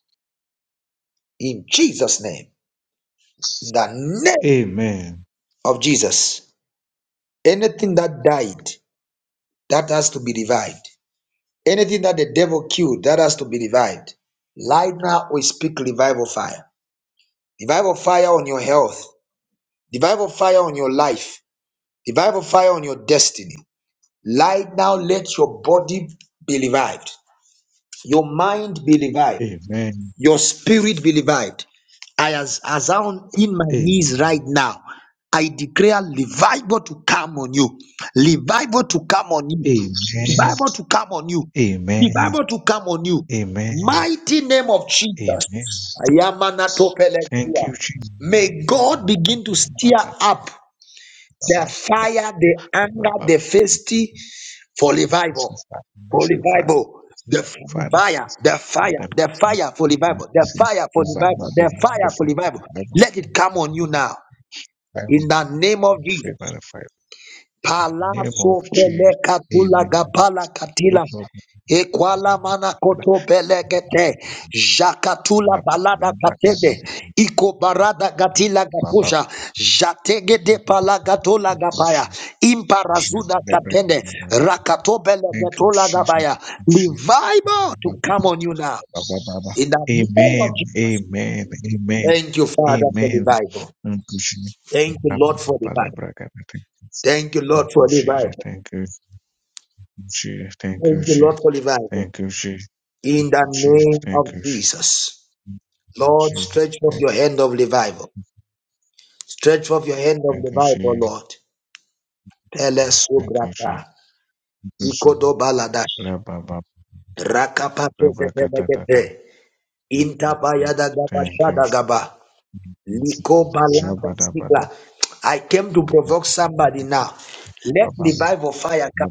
in Jesus' name. In the name Amen. of Jesus. Anything that died, that has to be revived. Anything that the devil killed, that has to be revived. Right now, we speak revival fire. Revival fire on your health. Revival fire on your life. Revival fire on your destiny. Right now, let your body be revived, your mind be Amen. revived, Amen. your spirit be revived. I, as, as I'm in my Amen. knees right now, I declare revival to come on you, revival to come on you, revival to come on you, Amen. revival to come on you. Amen. Mighty name of Jesus. Amen. Thank Ayamanatopelekia. you, Jesus. May God begin to stir Ba- ba- up the ba- fire, the anger, ba- ba- ba- the thirsty for mercy, revival, Father, for mercy, Father, revival, the Father, fire, the fire, Father, the mercy, fire for revival, the mercy. fire for Revival, revival, the fire for revival. revival, Let it come on you now I remove in the name of Jesus. favor fire. Name of Palaso Jesus. peleka pula Amen. gapala Name katila. of Ekwala mana God. koto belegete. Jakatula Baba. Baba. balada katede. Iko barada gatila Baba. gapuja. Jatege de palagatola Thank gapaya. you, Jesus. Imparazuda Baba. katende. Rakato Thank you, belegetola Jesus. gabaya. Revival to Baba. come on you now. Baba. Baba. In the name of Amen. Jesus. Amen. Amen. Thank you, Father, for Amen. revival. Thank you, Jesus. Thank you, Baba. Lord, for Baba. revival. Baba. Thank Thank you, Lord, you, for Jesus. revival. Thank you, Jesus. Thank you, Thank you, Jesus. Lord, for revival. Thank you, Jesus. In the Jesus. name of Thank you, Jesus. Lord, Jesus. stretch forth Thank your you, hand of revival. Stretch forth your hand of thank you, revival, Jesus. Lord. Thank you, Jesus. Telesubrata. Thank you, Ikodobaladash. Jesus. Rakapato Rabakatatata. zetelegete. Intabayada Thank you. gabashada gaba. Liko balada sigla. I came to provoke somebody now. Let Shabadabadabadabadabadabadabadabadabadabadabada. revival fire come.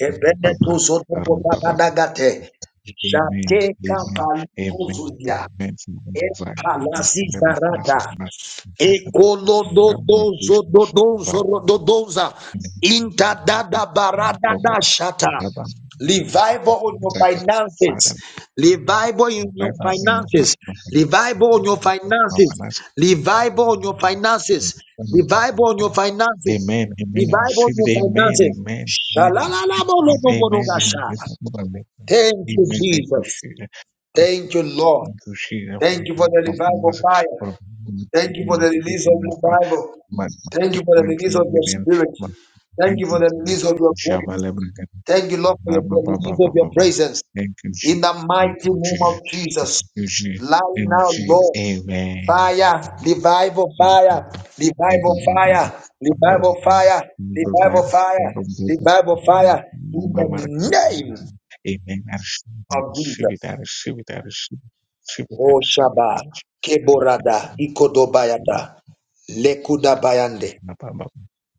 Ebeneto zoto Rababa. gobadagate. Amen. Jateka Amen. paliko Amen. zuzia. Amen. Father, my Empalazi name of Allah, zarata. my life, my wish, my Ekolododozododozododoza. name, Lord God. Intadadabaradadashata. Rabba, Rabba, Revival on your finances. Father, Revival in your right now in my my finances. my Revival on your my finances. finance. Revival on your Amen. finances. Revival on your finances. Amen. Amen. I Revival on receive it. your Amen. Amen. finances. Amen. Amen. Amen. Amen. Shalalalabolobobodogashaba. Amen. Amen. Thank you, Jesus. Amen. Thank you, Lord. Gushira Thank you for the revival kwamamaza fire. Thank you for the release of revival. Thank you for the Amen. release of your Amen. spirit. Thank you for the release of your grace. Thank you, Lord, for your- the release of your presence. In the mighty name of Jesus. Light now, Lord. Fire, revival fire, revival fire, revival fire, revival fire, revival fire. In the name I of receive it. I Jesus. receive it. I receive it. I receive it. I Oh receive it. Shaba, I receive Keborada, it. Ikodobayata, Lekuda Bayande. Napapa,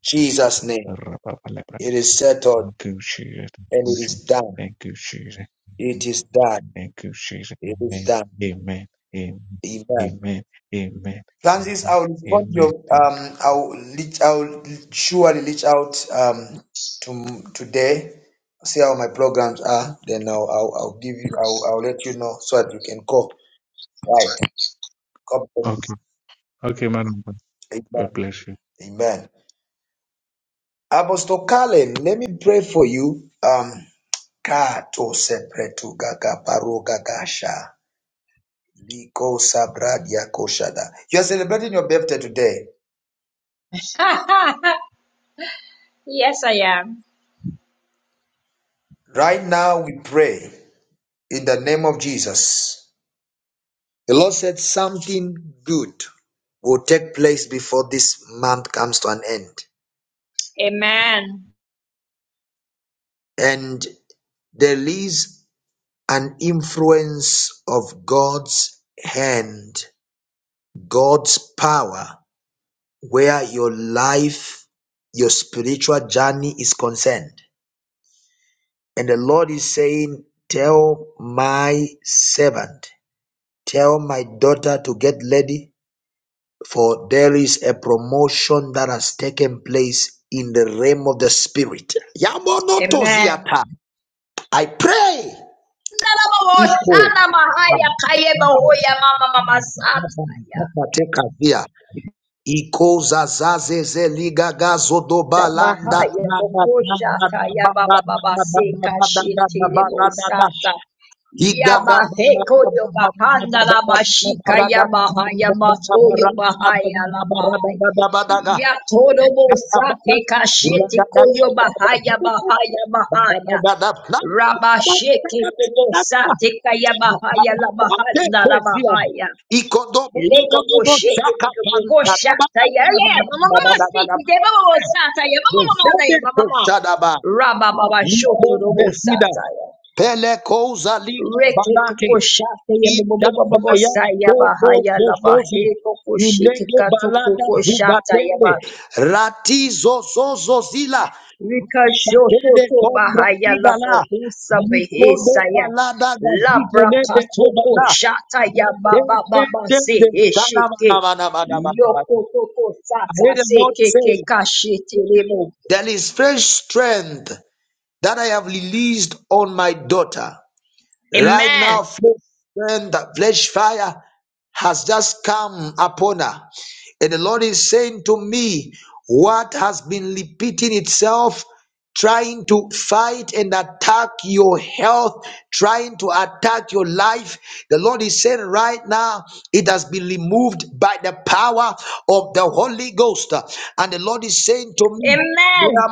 Jesus' name. Rapapa Lepra, It is settled Gucci, and it Gucci, is done. thank you, Jesus, It is done. thank you, Jesus, It is amen, done. amen, amen, Amen. amen, amen, Francis, I'll respond your amen, thank you. um I'll reach I'll surely reach out um to today, see how my programs are, then I'll I'll, I'll give you I'll, I'll let you know so that you can go. Right. God bless. Okay, okay, Madam, God Amen. God bless you. Amen. Apostle Kalen, let me pray for you. Um Kato sepretu gaga paro gagasha. Liko sabradia koshada. You are celebrating your birthday today. [LAUGHS] yes, I am. Right now, we pray in the name of Jesus. The Lord said something good will take place before this month comes to an end. Amen. And there is an influence of God's hand, God's power, where your life, your spiritual journey is concerned. And the Lord is saying, Tell my servant, tell my daughter to get ready, for there is a promotion that has taken place in the realm of the spirit. Amen. Yamonotoziata. I pray. Iko. Nalamahoshana mahaya kaye mahoya mama mama sata. Tekavia. Iko zazaze zeliga gazodoba landa Zabahaya Bokoshata Yababa Baba Seka Shitiri Bosata Nico Yabaheko Yobahanda Labashika Yabahaya Mato Yobahaya Labahaya Yatoro Bosate Kashiti Koyobahaya Bahaya Bahaya Rabasheke Kobosate Kayabahaya Labahanda Labahaya Leka koshete leka koshata ya le mama mama siti de baba sata ya mama mama na ya mama mama ya ya ya ya na raba baba shoto robo Bresida, sata ya Pele Liga reke Banate, koshata ya baba baba baba Intabaya saya Topo bahaya la Zozozo bahe koshike Unege kato Balada koshata ya Zubatende ba. Ratizo Zozo Zila Mashatede Rikashototo Kombra bahaya la Tigala bohusa Nikodo behesaya. Balada Gazikelede Labrakatoko Kobala shata ya baba baba Matete seheshete. Sanabanabanabanabanabana. Yokotoko I hear sata the Lord say, sekeke kashete lebo. There is fresh strength that I have released on my daughter. Right Amen. now, fresh strength, flesh fire. has just come upon her. And the Lord is saying to me, what has been repeating itself, trying to fight and attack your health trying to attack your life, the Lord is saying right now, it has been removed by the power of the Holy Ghost. And the Lord is saying to me, Amen.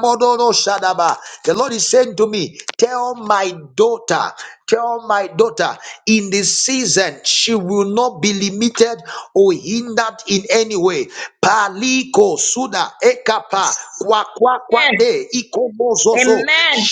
The Lord is saying to me, Tell my daughter, tell my daughter, in this season, she will not be limited or hindered in any way. Paliko Suda Ekapa Kwa Kwa Amen. Kwate Ikomozozo Amen.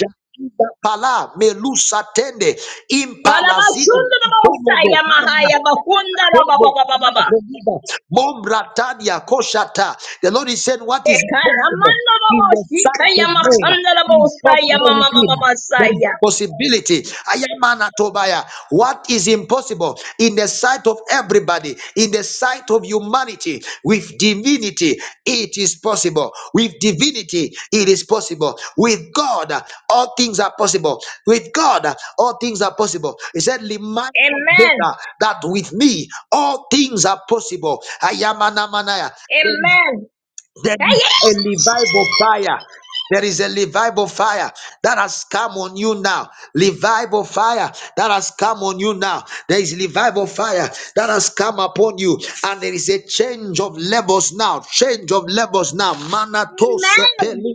Pala Melusa tende Impalazida, Kalabashunda la bohusa Tolobo, ya Marana, mahaya bahunda la baba Tebo, baba baba. Malaveniga, Mombratadia, Koshata. The Lord is saying, What is impossible Ekaramanda la in the boshika sight of ya men makanda la is bohusa ya possible with mama mama Him. There is masaya. a possibility. Ayamana Tobaya. What is impossible in the sight of everybody, in the sight of humanity, with divinity, it is possible. With divinity, it is possible. With God, uh, all things are possible. With God, uh, all things are possible. He said, Remind us Amen. better that with me, all things are possible. Ayamanamanaya. There Amen. there Hey, is yeah. a revival fire. There is a revival fire that has come on you now. Revival fire that has come on you now. There is revival fire that has come upon you. And there is a change of levels now. Change of levels now. Manato Amen.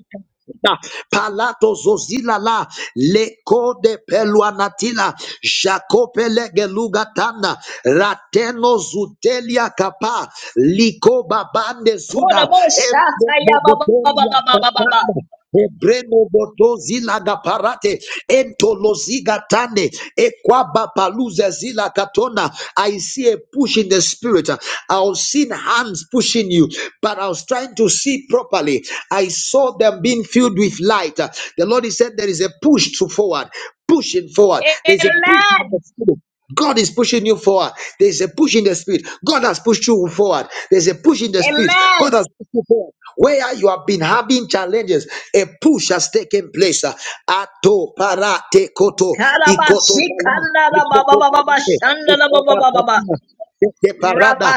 Da, Palato zozila la leko de peluanatila Jacope legelugatana rateno zutelia kapa liko babande zuda embobotoria Kodaboshatayabababababababa. katana Ebreno boto zila gaparate entoloziga tane ekwaba paluze zila katona. I see a push in the spirit. I was seeing hands pushing you, but I was trying to see properly. I saw them being filled with light. The Lord is said there is a push to forward, pushing forward. There is a push in the Amen. spirit. God is pushing you forward. There is a push in the spirit. God has pushed you forward. There's a push in the spirit. God Amen. has pushed you forward. Where you have been having challenges, a push has taken place. Ato para te koto ikoto pala ikoto palate ikoto Karabasikandarababababashandarababababa. pala te parada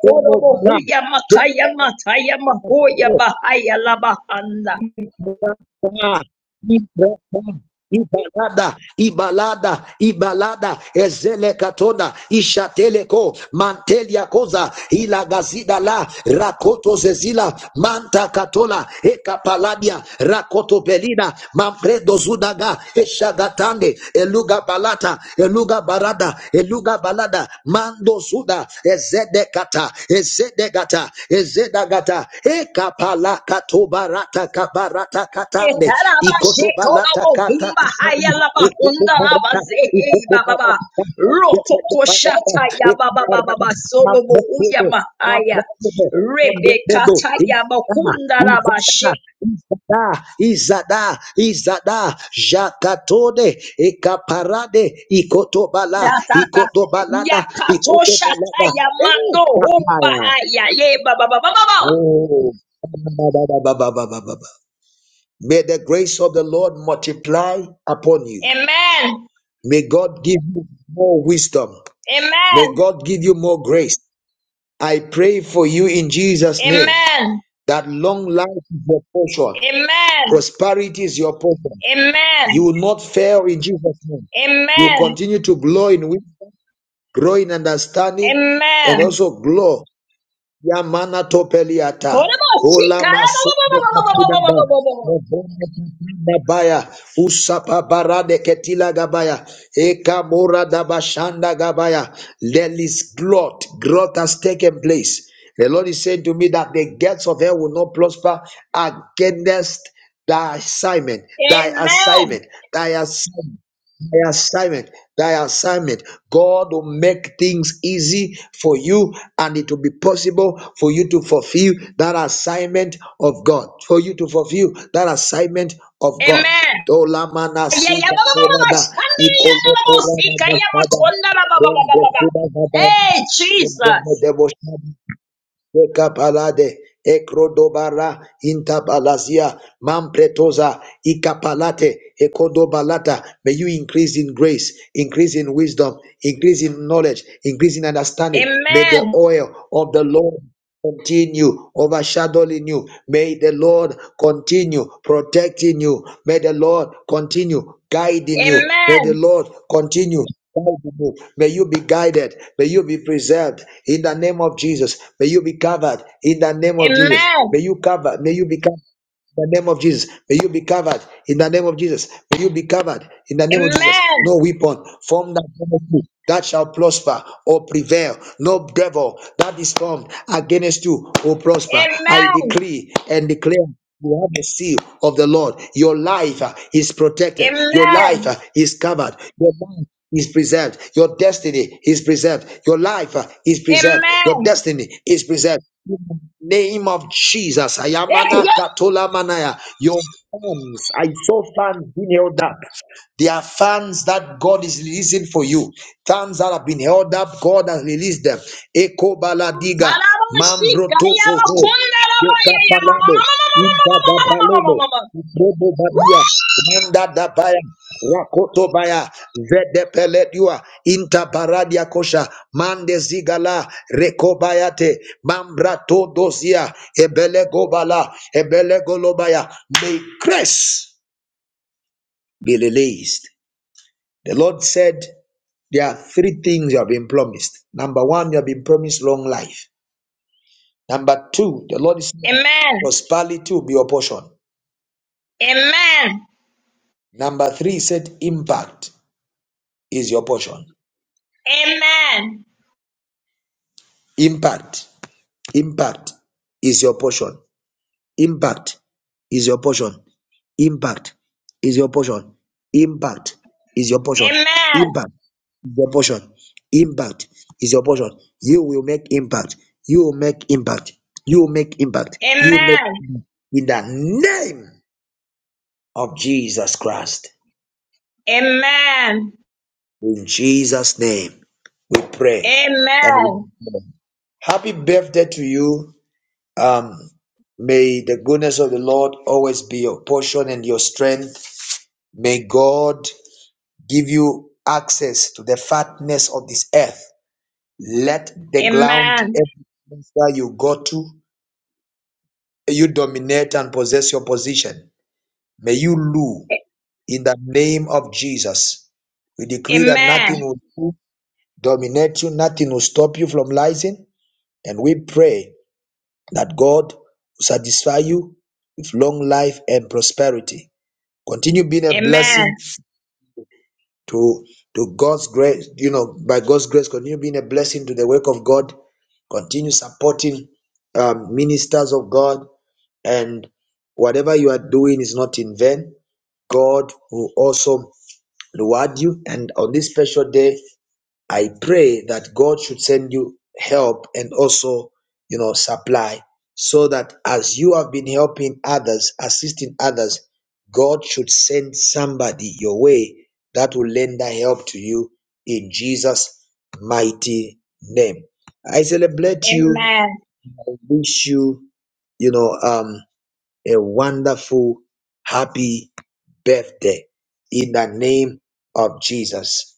kapomo bara Ibrata, Ibrata, Ibalada, Ibalada, Ibalada, Ezele Katona, Ishateleko, Mantelia Koza, Ilagazida la, Rakoto Zezila, Manta Katola, Ekapaladia, Rakoto Pelina, Manfredo Zudaga, Eshagatande, Eluga Balata, Eluga Barada, Eluga Balada, Mando Suda, Ezedekata, Ezedegata, Ezedagata, Ekapala Katobarata Kabarata Amen. Amen. Katande, Ikotobalata Kata Katande, Ekotobarata, Ekotobarata, Jepajapadata, Ekobarata, Mambrakodo, Mambrakodo, Mambrakodo, Izada, Izada, Izada, Izada, Jakatode, Ekaparade, Ikotobala, Ikotobalada, Ikotobalada, Eshakaya. Oh, ba, ba, ba, ba, ba, ba, ba, ba. May the grace of the Lord multiply upon you. May God give you more wisdom. May God give you more grace. I pray for you in Jesus' name Amen. that long life is your portion, prosperity is your portion. Amen. You will not fail in Jesus' name. Amen. You will Amen. continue to grow in wisdom, grow in understanding, and Amen. also grow Yamana topeliata. Ola masopo kapidaba. Amen. Mobone kapida baya. Usapa barade ketila gabaya. Eka mora dabashanda gabaya. Lelis glot. growth Growth has taken place. The Lord is saying to me that the gates of hell will not prosper against thy assignment, thy assignment, thy assignment thy assignment thy assignment god will make things easy for you and it will be possible for you to fulfill that assignment of god for you to fulfill that assignment of god Amen. Dolamana Yeah, sika yeah, koraba, yeah, ikolo koraba yeah, basada, rembe suda baba, Hey, Jesus. rembe debo shada, Ekapalade, Ekrodobara, Intabalazia, Mampretosa, Ikapalate, Ekodobalata. May you increase in grace, increase in wisdom, increase in knowledge, increase in understanding. May the Amen. oil of the Lord continue overshadowing you. May the Lord continue protecting you. May the Lord continue guiding you. May the Amen. Lord continue. guiding you. May you be guided. May you be preserved in the name of Jesus. May you be covered in the name of Jesus. Amen. May you cover. May you be covered. In the name of Jesus, may you be covered. In the name of Jesus, may you be covered. In the name of Jesus, Amen. no weapon formed against you that shall prosper or prevail. No devil that is formed against you will prosper. I Amen. decree and declare. You have the seal of the Lord. Your life uh, is protected. Your life Amen. uh, is covered. Your life is preserved. Your destiny is preserved. Your life uh, is preserved. Amen. Your destiny is preserved. In the name of Jesus. Eh, Ayamana yeah, katola manaya. Your fans, I saw fans being held up. They are fans that God is releasing for you. Fans that have been held up, God has released them. Eko baladiga, yeah, mambrotoso, yeah, yeah, Inda da balebo, Ibrebo babia, Manda da baya, Rakoto baya, Vede peledua, Inta baradia kosha, Mande zigala, Rekobayate, Mambrato dozia, Ebele gobala, Ebele golobaya. May grace be released. The Lord said, there are three things you have been promised. Number one, you have been promised long life. Number two, the Lord is saying Amen. prosperity will be your portion. Amen. Number three, he said impact. is your portion. Amen. Impact, impact is your portion. Impact is your portion. Impact is your portion. Impact is your portion. Amen. Impact is your portion. Impact is your portion. You will make impact. You will make impact. You will make impact. You will make Amen. impact. in the name of Jesus Christ. Amen. In Jesus' name, we pray and we Amen. declare. happy birthday to you. Um, may the goodness of the Lord always be your portion and your strength. May God give you access to the fatness of this earth. Let the ground Amen. every where you go to, you dominate and possess your position. May you rule in the name of Jesus. We decree Amen. that Amen. nothing will dominate you, nothing will stop you from rising, and we pray that God will satisfy you with long life and prosperity Continue being a blessing Amen. to to God's grace, you know, by God's grace, continue being a blessing to the work of God. Continue supporting um, ministers of God, and whatever you are doing is not in vain. God will also reward you. And on this special day, I pray that God should send you help and also, you know, supply so that as you have been helping others, assisting others, God should send somebody your way that will lender help to you in Jesus' mighty name. I celebrate you. I wish you, you know, um, a wonderful, happy birthday in the name of Jesus.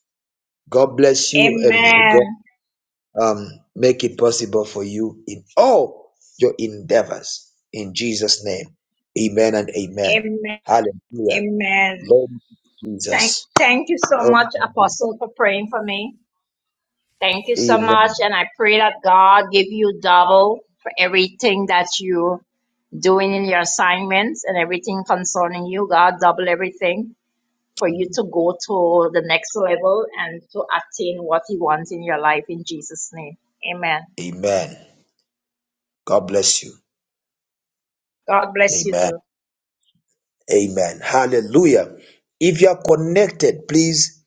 God bless you and may God Amen. um, make it possible for you in all your endeavors. In Jesus' name, amen and amen. Amen. Hallelujah. Amen. Lord Thank, Jesus. thank you so Lord much, Jesus. Apostle, for praying for me. Thank you so much. Amen. And I pray that God give you double for everything that you doing in your assignments and everything concerning you. God double everything. for you to go to the next level and to attain what He wants in your life in Jesus' name. Amen. Amen. God bless you. God bless you too. Amen. Amen. Hallelujah. If you are connected, please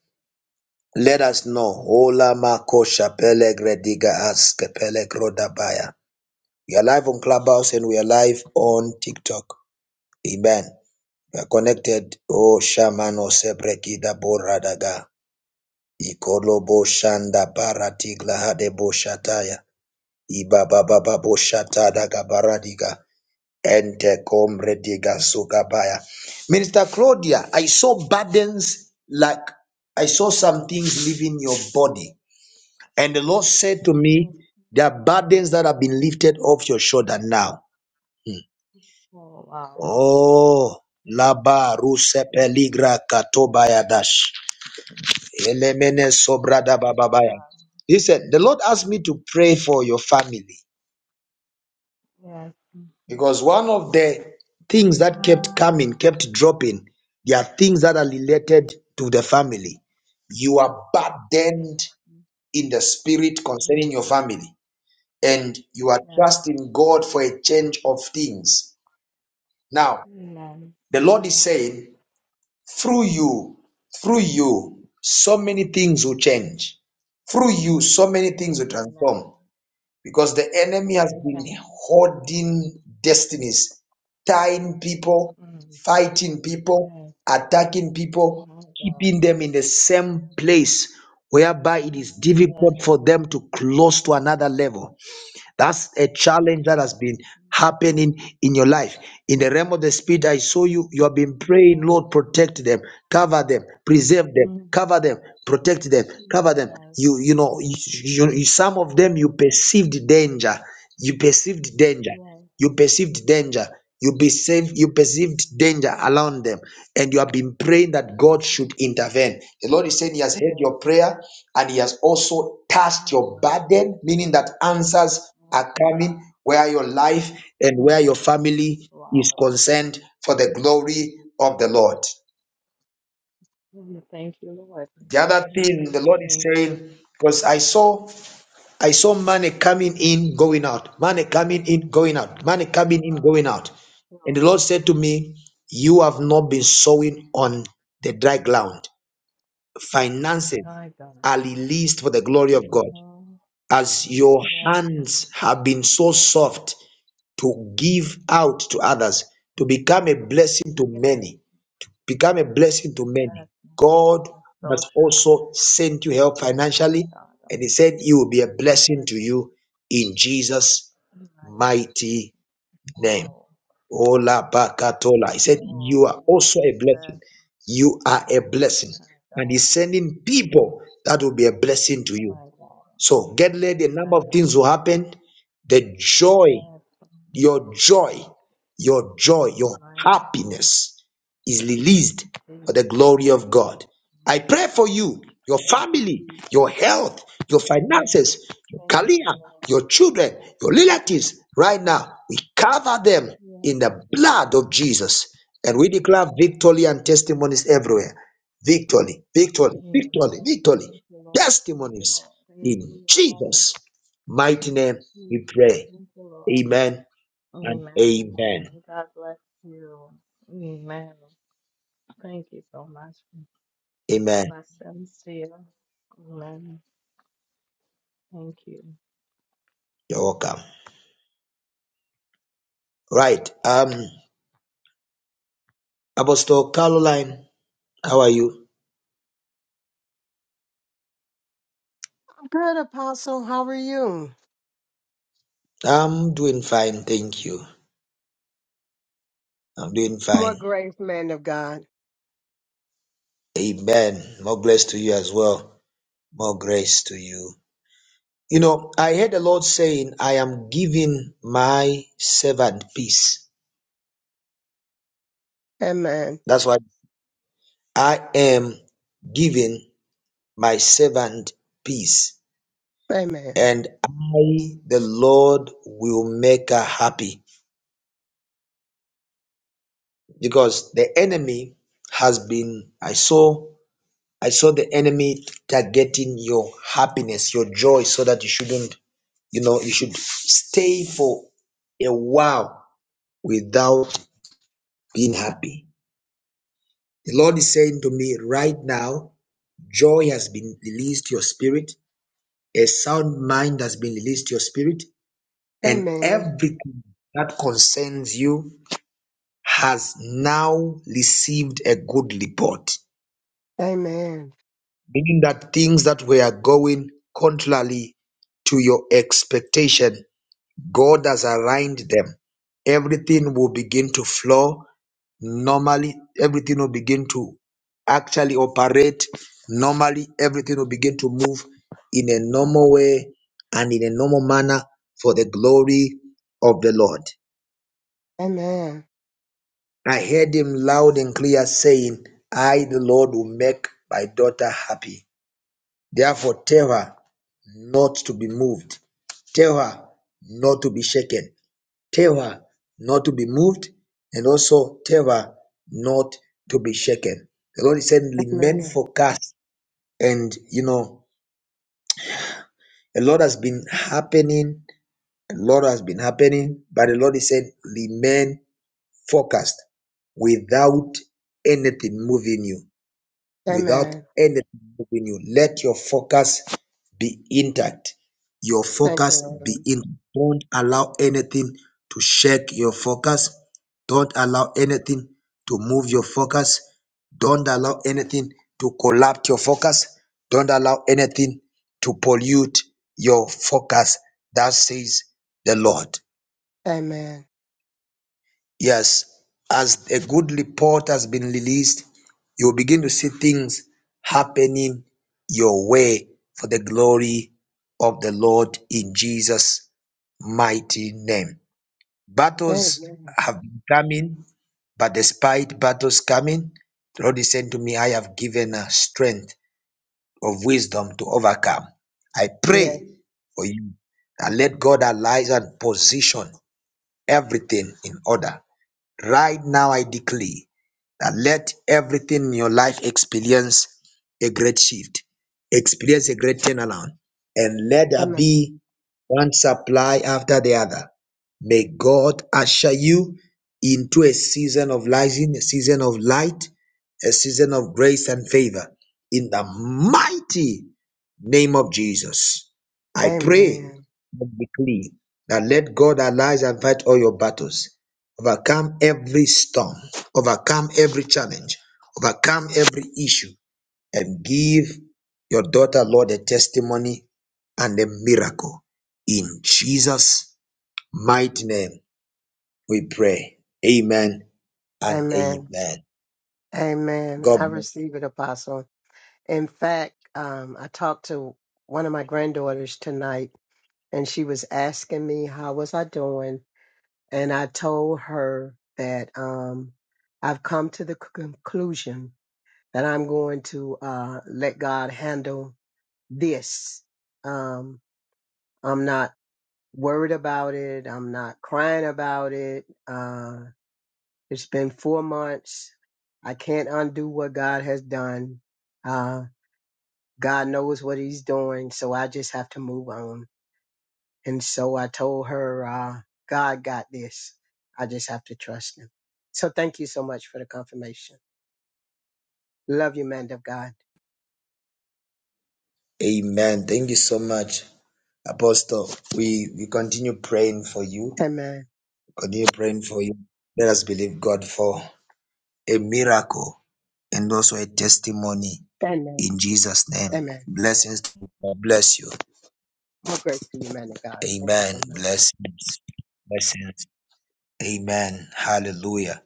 let us know. Ola makosha pelegrediga aske pelegrodabaya. We are live on Clubhouse and we are live on TikTok. Amen. Uh, connected. Oh, Shamano Sebrekida Boradaga. Ikolobo Shanda Baratigla Hadebo Shataya. Ibabababo Shatadaga Baradiga. Ente Komrediga Sugabaya. Minister Claudia, I saw burdens like I saw some things leaving your body. And the Lord said to me, Yes, There are burdens that have been lifted off your shoulder now. Hmm. oh, wow. Oh, Yes, Laba Ruse praise God. Peligra Katobaya Dash. Elemene Wow, sobrada praise bababaya. God. He said, The Lord asked me to pray for your family Yes, mm, because one of the things that kept coming, kept dropping, there are things that are related to the family. You are yes, burdened mm, in the spirit mm, concerning your family, and you are yes. trusting God for a change of things. Now, Amen. the Lord is saying, through you, through you, so many things will change through you so many things will Amen. transform because the enemy has been Amen. holding destinies, tying people, Mm, mm, fighting people, Yes, attacking people, my God. keeping them in the same place whereby mm, it is mm, Yes, mm, yes, mm, yes. difficult for them to close to another level. That's a mm, challenge that has mm, been happening in your life. In the realm of the spirit, I saw you. You have been praying, Yes, Lord, protect them, cover them, preserve them, cover them, protect them, cover them. You, you know, you, you, you- some of them you mm, perceived danger. You perceived danger. yes, You perceived danger. You perceived, you perceived danger around them, and you have been praying that mhm, God should intervene. The Lord is saying He has heard yes. your prayer and He has also touched your Amen. burden, meaning that answers Oh, are God. coming where your life and where your Mm, family is Wow. concerned for the glory of the Lord. Mm, Thank you, Lord. The other thing Jesus. the Lord is Amen. saying, because I saw I saw money coming in, going out, money coming in, going out, money coming in, going One, out. two, And the Lord said to me, You have not been sowing on the dry ground. Finances I got are released for the glory of it. God. hmm As your Yes, Lord. hands have been so soft to give out to others, to become a blessing to yes, many, become a blessing to yes. Lord. many. God That's so has true. also sent you help My financially, God, and He said He will be a blessing that's to fine. you in Jesus' My God, mighty name. wow. Ola bakatola. Praise He said, God. You are I also a receive that. blessing. You are a blessing. My And God. He's sending Mm. people that will be a blessing to you. My God. So get ready. A My number of God. things will happen. The joy Yes, Lord. your joy, your joy, your my God. mm, happiness is released Jesus. for the glory of God. I mm. pray for you, your Thank you, family, Jesus. your health, your Amen. finances, your Thank you, career, Lord. your children, your relatives right now. We cover them Yes, in the Lord. blood of Jesus and we Thank declare you, victory and Lord. testimonies everywhere. Victory, victory, Amen. victory, Thank victory, you, Lord. Thank you, testimonies Lord. in Amen. Amen. Jesus' mighty Thank you, name. We Jesus. pray. Thank you, Lord. Amen and Amen. amen. Amen. God bless you. Amen. Thank you so much. Amen. Bless them. See you. Amen. Thank you. You're welcome. Right. Um, Apostle Caroline, how are you? I'm good, Apostle. How are you? I'm doing fine. Thank you. I'm doing More fine. grace, man of God. Amen. More grace to you as well. More grace to you. You know, I heard the Lord saying, I am giving my servant peace. Amen. That's why I am giving my servant peace. Amen. And I, the Lord, will make her happy because the enemy has been i saw i saw the enemy targeting your happiness your joy so that you shouldn't you know you should stay for a while without being happy the lord is saying to me right now joy has been released to your spirit a sound mind has been released to your spirit and Amen. everything that concerns you has now received a good report Amen. meaning that things that were going contrarily to your expectation, God has aligned them. Everything will begin to flow normally, everything will begin to actually operate normally, everything will begin to move in a normal way and in a normal manner for the glory of the Lord. Amen. I heard him loud and clear saying, I, the Lord, will make my daughter happy. Therefore, tell her not to be moved. Tell her not to be shaken. Tell her not to be moved. And also tell her not to be shaken. The Lord is saying, remain Amen. focused. And, you know, a lot has been happening. A lot has been happening. But the Lord is saying, remain focused without anything moving you without Amen. anything moving you. Let your focus be intact. Your Thank you, focus be Lord. in. Don't allow anything to shake your focus. Don't allow anything to move your focus. Don't allow anything to collapse your focus. Don't allow anything to pollute your focus. That says the Lord. Amen. Yes, as a good report has been released, you'll begin to see things happening your way for the glory of the Lord in Jesus' mighty name. Battles Amen. have been coming, but despite battles coming, the Lord is saying to me, I have given a strength of wisdom to overcome. I Yes. pray for you and let God arise and position everything in order Right now, I decree that let everything in your life experience a great shift, experience a great turnaround, and let there Amen. be one supply after the other. May God usher you into a season of rising, a season of light, a season of grace and favor. In the mighty name of Jesus, I pray Amen. and decree that let God arise and fight all your battles overcome every storm, overcome every challenge, overcome every issue, and give your daughter, Lord, a testimony and a miracle. In Jesus' mighty name, we pray. Amen and Amen. amen. Amen. I God bless. receive it, Apostle. In fact, um, I talked to one of my granddaughters tonight, and she was asking me how was I doing and I told her that um, I've come to the c- conclusion that I'm going to uh, let God handle this. Um, I'm not worried about it. I'm not crying about it. Uh, it's been four months. I can't undo what God has done. Uh, God knows what He's doing, so I just have to move on And so I told her, uh, God got this. I just have to trust him. So thank you so much for the confirmation. Love you, man of God. Amen. Thank you so much, Apostle. We we continue praying for you. Amen. Continue praying for you. Let us believe God for a miracle and also a testimony Amen. In Jesus' name. Amen. Blessings. God bless you. More grace to you, man of God. Thank you so Amen. much. Blessings. Blessings. Amen. Hallelujah.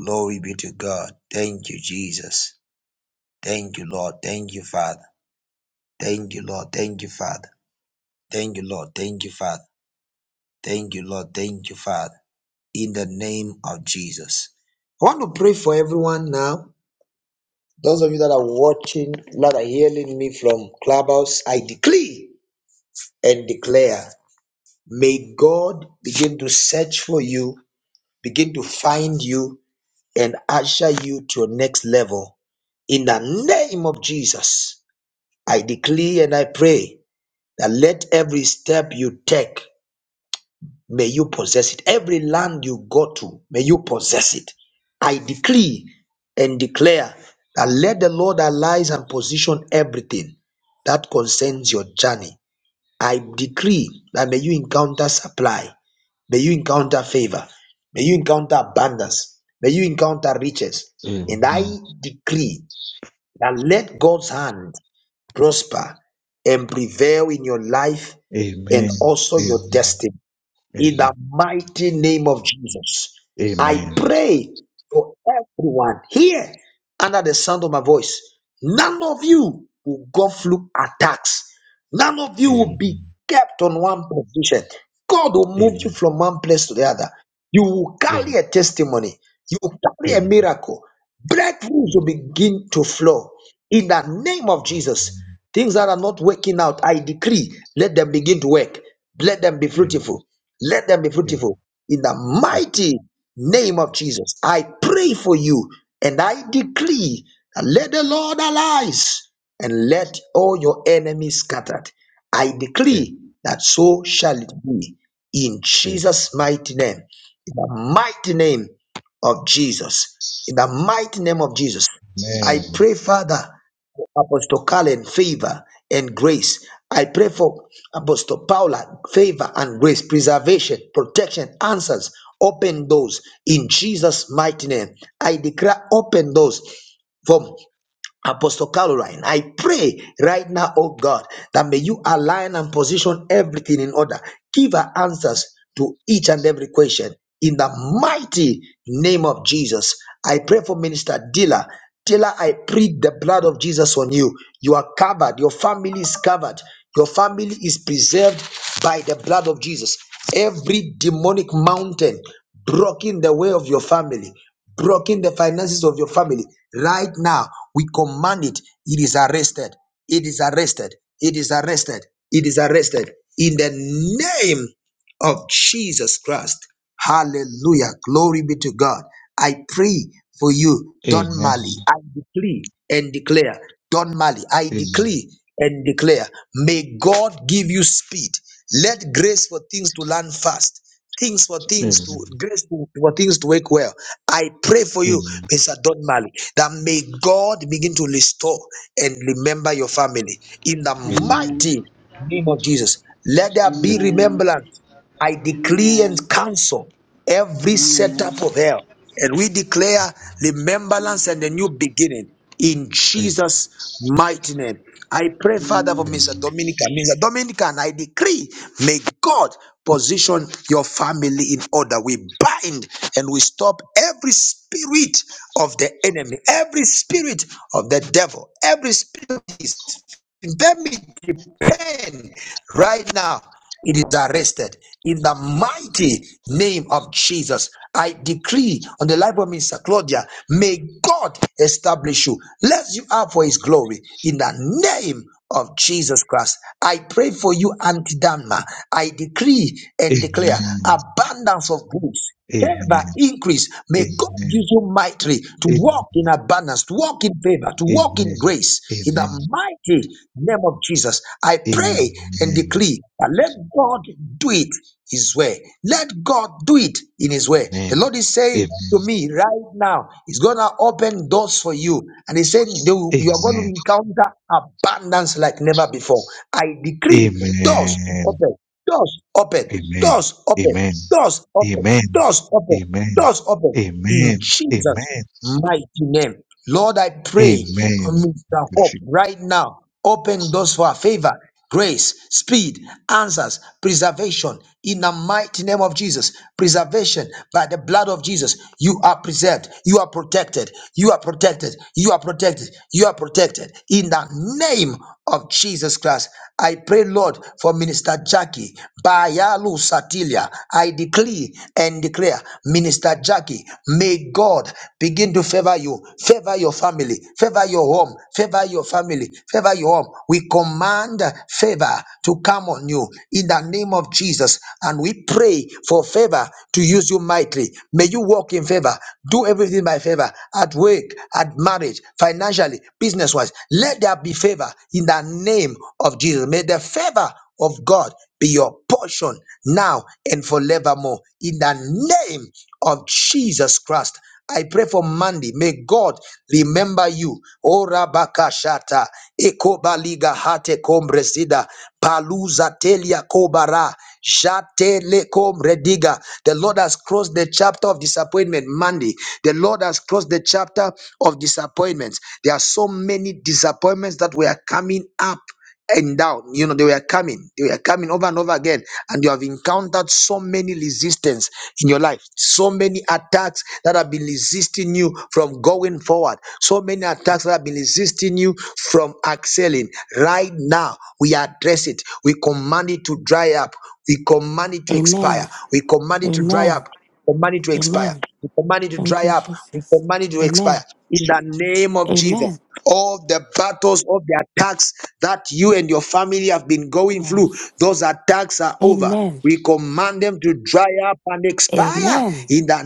Glory be to God. Thank you, Jesus. Thank you, Lord. Thank you, Father. Thank you, Lord. Thank you, Father. Thank you, Lord. Thank you, Father. Thank you, Lord. Thank you, Father. In the name of Jesus. I want to pray for everyone now. Those of you that are watching, that are hearing me from Clubhouse, I decree and declare May God begin to search for you, begin to find you, and usher you to your next level. In the name of Jesus, I declare and I pray that let every step you take, may you possess it. Every land you go to, may you possess it. I decree and declare that let the Lord arise and position everything that concerns your journey. I decree that may you encounter supply. May you encounter favor. May you encounter abundance. May you encounter riches. Amen, And I decree that let God's hand prosper and prevail in your life and amen, also your amen, destiny in the mighty name of Jesus. amen, amen, I amen, pray for everyone here under the sound of my voice. None of you will go through attacks. None of you will amen, be kept on one position. God will move amen, amen, amen, amen, you amen. from one place to the other. You will carry a testimony. You will carry a Amen. miracle. Breakthroughs Amen. will begin to flow in the name of Jesus. Things that are not working out, I decree, let them begin to work. Let them be fruitful. Let them be fruitful in the mighty name of Jesus. I pray for you and I decree that let the Lord arise and let all your enemies scattered. I decree that so shall it be in Jesus' mighty name, in the mighty name of Jesus, in the mighty name of Jesus. I pray, Father, Apostle Cullen favor and grace. I pray for Apostle Paula favor and grace, preservation, protection, answers, open doors in Jesus' mighty name. I declare open doors from. Apostle Caroline, I pray right now, oh God, that may you align and position everything in order. Give her answers to each and every question in the mighty name of Jesus. I pray for Minister Dilla. Dilla, I plead the blood of Jesus on you. You are covered. Your family is covered. Your family is preserved by the blood of Jesus. Every demonic mountain blocking the way of your family blocking the finances of your family right now we command it it is arrested it is arrested it is arrested it is arrested in the name of jesus christ Hallelujah. Glory be to God. I pray for you, Don Mali. I decree and declare, Don Mali, I decree and declare, may God give you speed. Let grace for things to land fast. Things for things to grace to- for things to work well. I pray for you, Mr. Don Mali, that may God begin to restore and remember your family in the Amen. mighty name of Jesus. Let there be Amen. remembrance I decree and Amen. cancel every setup Amen. of hell. And we declare remembrance and a new beginning in Jesus' mighty name. I pray, Amen. Father, for Amen. Mr. Dominican. Mr. Dominican, I decree, may God position your family in order. We bind and we stop every spirit of the enemy, every spirit of the devil, every spirit. of disease, let me depend right now. It is arrested in the mighty name of Jesus. I decree on the life of Mr. Claudia, may God establish you, lift you up for his glory in the name of Jesus Christ. I pray for you, Auntie Danma. I decree and Amen. declare abundance of goods Amen. Amen. favor Amen. increase may god Amen. use you mightily to Amen. walk in abundance to walk in favor to walk Amen. in grace in Amen. the mighty name of jesus i pray and Amen. decree that let god do it his way let god do it in his way the lord is saying Amen. to me right now he's gonna open doors for you and He said you you are going to encounter abundance like never before i decree Amen. Amen. doors Amen. open doors open Amen. doors open Amen. Doors open, Amen. doors open, Amen. doors open in Jesus' mighty name. Lord, I pray, Amen. Mr. Amen. Hope, right now, open doors for our favor, grace, speed, answers, preservation in the mighty name of Jesus. Preservation by the blood of Jesus. You are preserved. You are protected. You are protected. You are protected. You are protected. In the name of Jesus Christ, I pray, Lord, for Minister Jackie. Bayalu Satilia. I decree and declare, Minister Jackie, may God begin to favor you, favor your family, favor your home, favor your family, favor your home. We command command favor to come on you in the name of Jesus. And we pray for favor to use you mightily. May you walk in favor. Do everything by favor at work, at marriage, financially, business wise. Let there be favor in the name of Jesus. May the favor of God be your portion now and forevermore in the name of Jesus Christ. I pray for Mandy. May God remember you. O Rabakashata, Ekobaliga Hate Kombrezida, Paluza Telia Kobara, Jatele Komrediga. The Lord has crossed the chapter of disappointment Mandy. The Lord has crossed the chapter of disappointments. There are so many disappointments that we are coming up and down. You know, they were coming, they were coming over and over again. And you have encountered so many resistance in your life, so many attacks that have been resisting you from going forward, so many attacks that have been resisting you from excelling. Right now, we address it. We command it to dry up. We command it to expire. Amen. We command it to dry Amen. up. We command it to expire. Amen. We command it to Thank dry you, up. We Jesus. command it to expire. Amen. In the name of Jesus Amen. all the battles all the attacks that you and your family have been going through, Yes. those attacks are over. Amen. We command them to dry up and expire Amen. in the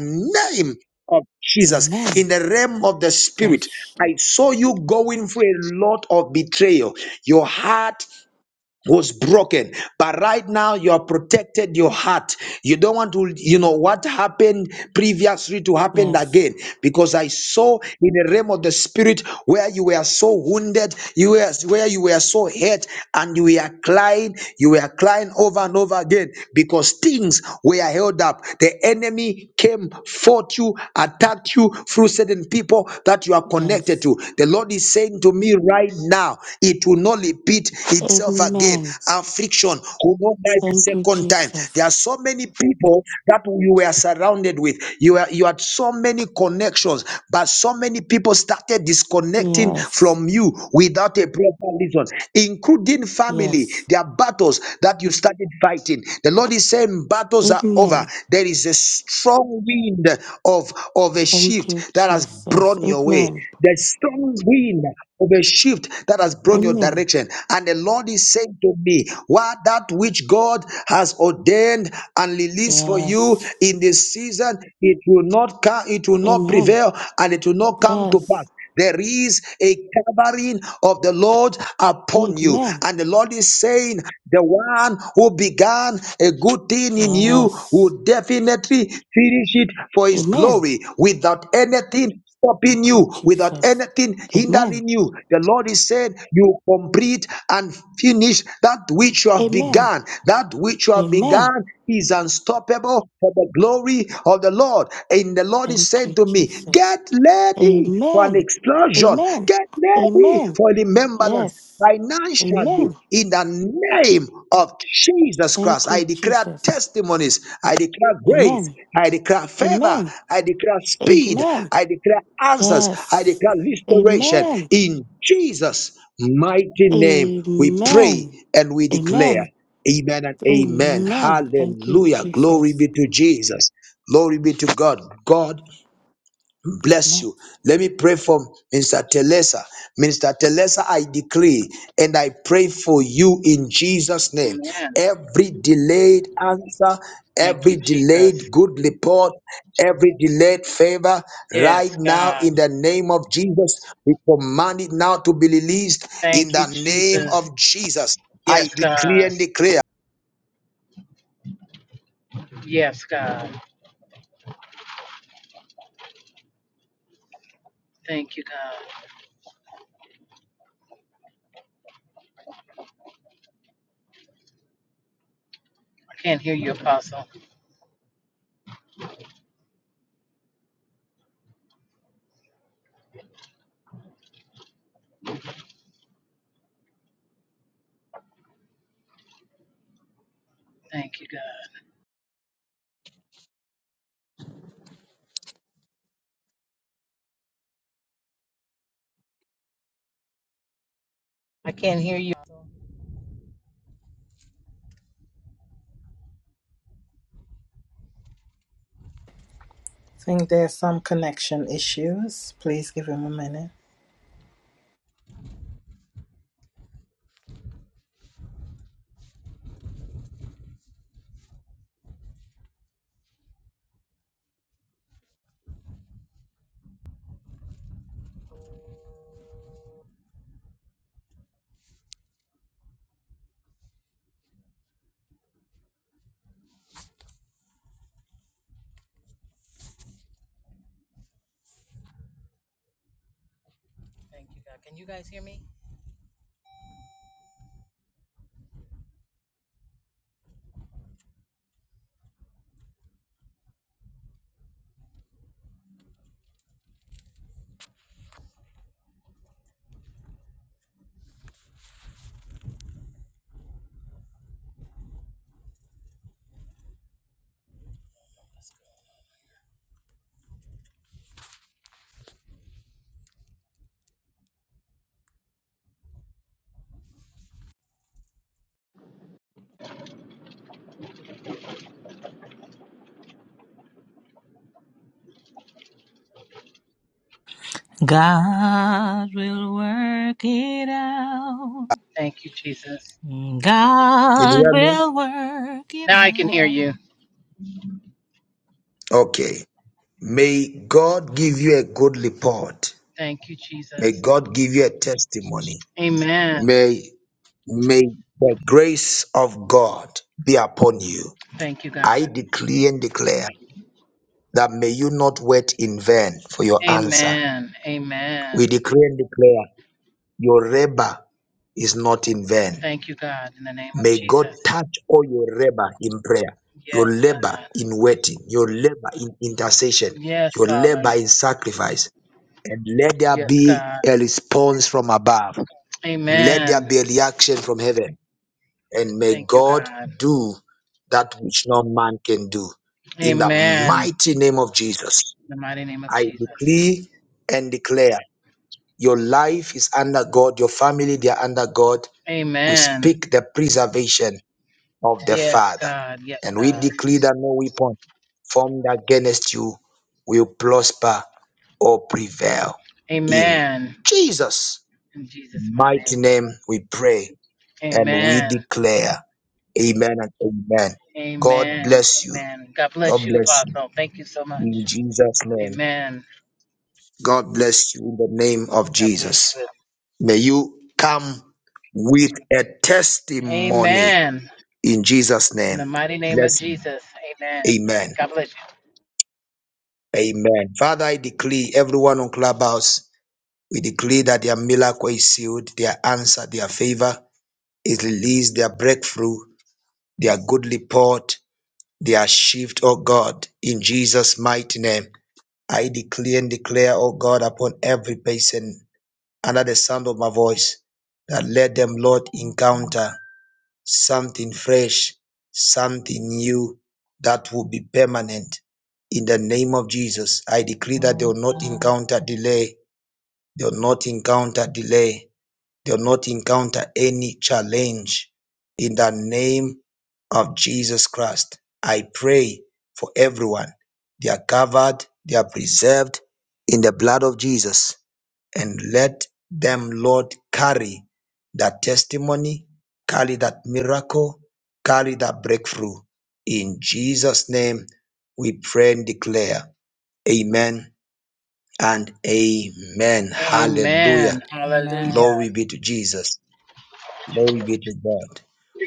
name of Jesus. Amen. In the realm of the spirit, Yes. I saw you going through a lot of betrayal. Your heart was broken but right now you are protected your heart you don't want to you know what happened previously to happen Yes. again because i saw in the realm of the spirit where you were so wounded you were where you were so hurt and you were crying you were crying over and over again because things were held up the enemy came fought you attacked you through certain people that you are connected Yes. to the Lord is saying to me right now, it will not repeat itself again. Amen. Affliction will not die the Thank you, second time. There Jesus. are so many people that you were surrounded with. You were, you had so many connections, but so many people started disconnecting Yes. from you without a proper reason, including family. Yes. There are battles that you started fighting. The Lord is saying battles are over. Amen. There is a strong wind of, of a Thank you, shift that has Jesus. blown your way Amen. the strong wind of a shift that has brought your Amen. direction. And the Lord is saying to me, What that which God has ordained and released for you Yes. in this season, it will not come, it will not Amen. prevail, and it will not come to Yes. pass. There is a covering of the Lord upon you. Amen. And the Lord is saying, The one who began a good thing in you Yes. will definitely finish it for his Amen. glory without anything Thank stopping you, you, without Jesus. anything Amen. hindering you. The Lord is saying, You complete and finish that which you have Amen. begun. That which you have Amen. begun is unstoppable for the glory of the Lord. And the Lord is Thank saying you, to me, Jesus. Get ready for an Amen. explosion, Amen. get ready Amen. for remembrance Yes. financially Amen. in the name of Jesus Christ. Thank I you, declare Jesus. testimonies. I declare grace. Amen. I declare favor. Amen. I declare speed. Amen. I declare answers. I Yes. declare restoration. Amen. In Jesus' mighty name, we pray Amen. and we declare. Amen. Amen and amen. Amen. Thank you, Hallelujah. Glory Jesus. be to Jesus. Glory be to God. God bless Amen. you. Let me pray for Minister Telesa. Minister Telesa, I decree and I pray for you in Jesus' name. Amen. Every delayed answer, Thank you, every delayed Jesus. good report, every delayed favor, right Yes, now God. in the name of Jesus, we command it now to be released Thank in you, the name Jesus. of Jesus. I Yes, decree God. and declare. Yes, God. Thank you, God. I can't hear you, Apostle. Thank you, God. I can't hear you. think there's some Thank connection you, Jesus. issues. Please give him a minute. Thank you, God. Can you guys hear me? God will work it out. Thank you, Jesus. Can you God hear me? will work it Now I can hear you. out. Okay. May God give you a good report. Thank you, May Jesus. God give you a testimony. Amen. May, may the grace of God be upon you. Thank you, God. I decree and declare that may you not wait in vain for your answer. Amen. Amen. We decree and declare your labor is not in vain. Thank you, God, in the name of May God Jesus. touch all your labor in prayer, Yes, your labor God. in waiting, your labor in intercession, Yes, your Father. labor in sacrifice, and let there Yes, be God. a response from above. Let there Amen. be a reaction from heaven. and may Thank you, God God. do that which no man can do. In the Amen. In mighty name of Jesus, the mighty name of I Jesus. decree and declare your life is under God, your family, they are under God. We Amen. speak the preservation of the Yes, Father, God. Yes, and we God. decree that no weapon formed against you will prosper or prevail. In Amen. Jesus' In Jesus' mighty mighty name. name, we pray and we Amen. declare. Amen and amen. God Amen. bless you. Amen. God bless God you, bless you. Apostle. Thank you so much. In Jesus' name. Amen. God bless you in the name of God bless you. Jesus. May you come with a testimony Amen. in Jesus' In name. the mighty name of Blessing. Jesus. Amen. Amen. God bless you. Amen. Father, I decree everyone on Clubhouse, we decree that their miracle is sealed, their answer, their favor is released, their breakthrough, their good report, their shift, oh God, in Jesus' mighty name. I decree and declare, O God, upon every person under the sound of my voice, that let them, Lord, encounter something fresh, something new that will be permanent. In the name of Jesus, I decree that they will not encounter delay. They will not encounter delay. They'll not encounter any challenge in the name of Jesus Christ. I pray for everyone. They are covered, they are preserved in the blood of Jesus. And let them, Lord, carry that testimony, carry that miracle, carry that breakthrough. In Jesus' name, we pray and declare, Amen and Amen. Amen. Hallelujah. Hallelujah. Amen. Glory be to Jesus. Glory be to God.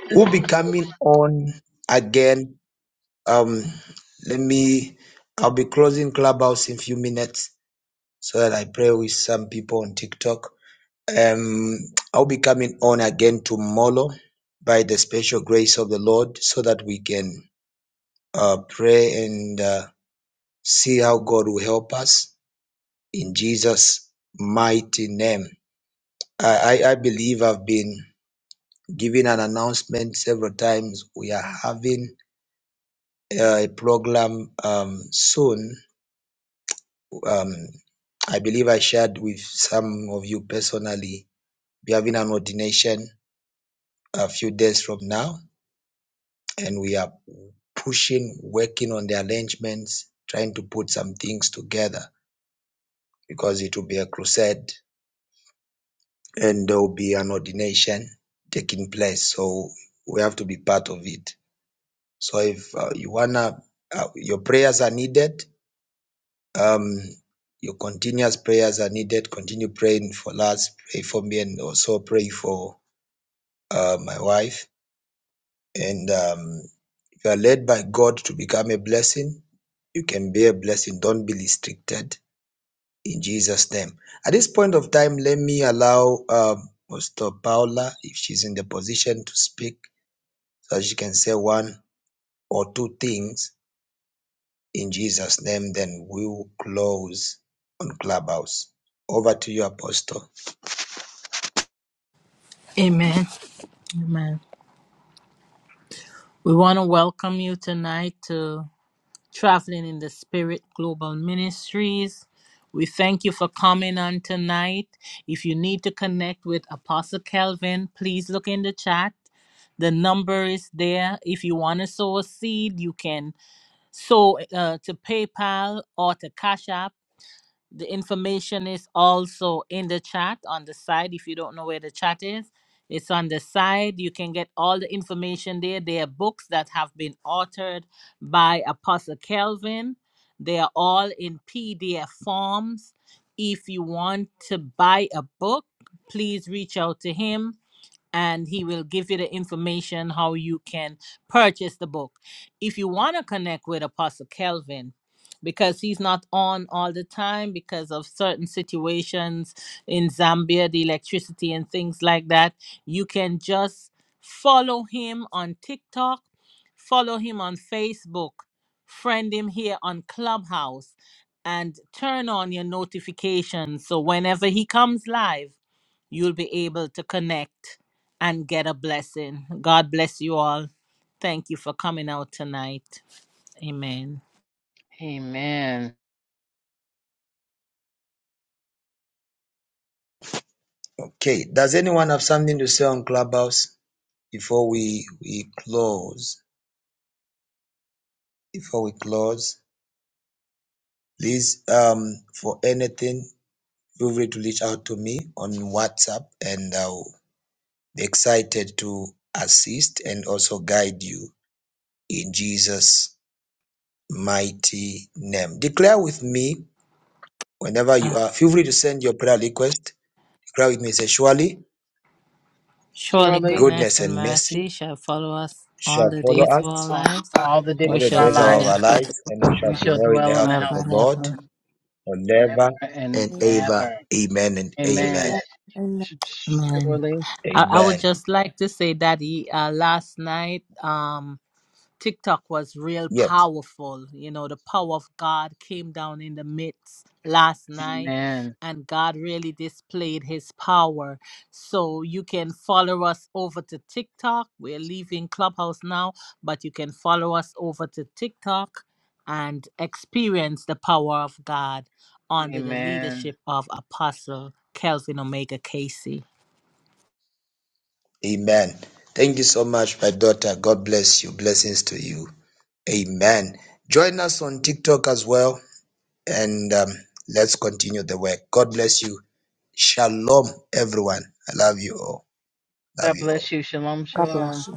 We'll be coming on again. Um, let me, I'll be closing Clubhouse in few minutes so that I pray with some people on TikTok. Um, I'll be coming on again tomorrow by the special grace of the Lord so that we can uh, pray and uh, see how God will help us in Jesus' mighty name. I, I, I believe I've been giving an announcement several times. We are having a program um, soon. Um, I believe I shared with some of you personally. We're having an ordination a few days from now, and we are pushing, working on the arrangements, trying to put some things together because it will be a crusade and there will be an ordination taking place. So we have to be part of it. So if uh, you wanna, uh, your prayers are needed. Um, your continuous prayers are needed. Continue praying for us, pray for me, and also pray for uh, my wife. And um, if you are led by God to become a blessing, you can be a blessing. Don't be restricted in Jesus' name. At this point of time, let me allow um, Pastor Paula, if she's in the position to speak, so she can say one or two things in Jesus' name. Then we will close on Clubhouse. Over to you, Apostle. Amen. Amen. We want to welcome you tonight to Traveling in the Spirit Global Ministries. We thank you for coming on tonight. If you need to connect with Apostle Kelvin, please look in the chat. The number is there. If you want to sow a seed, you can sow uh, to PayPal or to Cash App. The information is also in the chat on the side. If you don't know where the chat is, it's on the side. You can get all the information there. There are books that have been authored by Apostle Kelvin. They are all in PDF forms. If you want to buy a book, please reach out to him and he will give you the information how you can purchase the book. If you want to connect with Apostle Kelvin, because he's not on all the time because of certain situations in Zambia, the electricity and things like that, you can just follow him on TikTok, follow him on Facebook, friend him here on Clubhouse, and turn on your notifications. So whenever he comes live, you'll be able to connect and get a blessing. God bless you all. Thank you for coming out tonight. Amen. Amen. Okay. Does anyone have something to say on Clubhouse before we we close? Before we close, please, um, for anything, feel free to reach out to me on WhatsApp, and I'll be excited to assist and also guide you in Jesus' mighty name. Declare with me whenever you Ah, are. Feel free to send your prayer request. Declare with me. Say, surely surely Surely, goodness goodness and and mercy mercy shall follow us all shall the follow days of us our uh, lives, all the and days all we the of shall our days dwell of lives, in our lives, and we we shall we shall dwell in the dwell in the house of forever the house of and the Lord ever. Lord forever forever and and ever. ever. Amen and Amen. amen. Amen. Amen. Surely. I, I would Amen. just like to say that he, uh, last night, um, TikTok was real Yes, powerful. You know, the power of God came down in the midst last night, Amen. and God really displayed his power. So you can follow us over to TikTok. We're leaving Clubhouse now, but you can follow us over to TikTok and experience the power of God under the Amen. leadership of Apostle Kelvin Omega Casey. amen. Thank you so much, my daughter. God bless you. Blessings to you. Amen. Join us on TikTok as well, and um, let's continue the work. God bless you. Shalom, everyone. I love you all. Love God you all. bless you. Shalom, God shalom. bless you.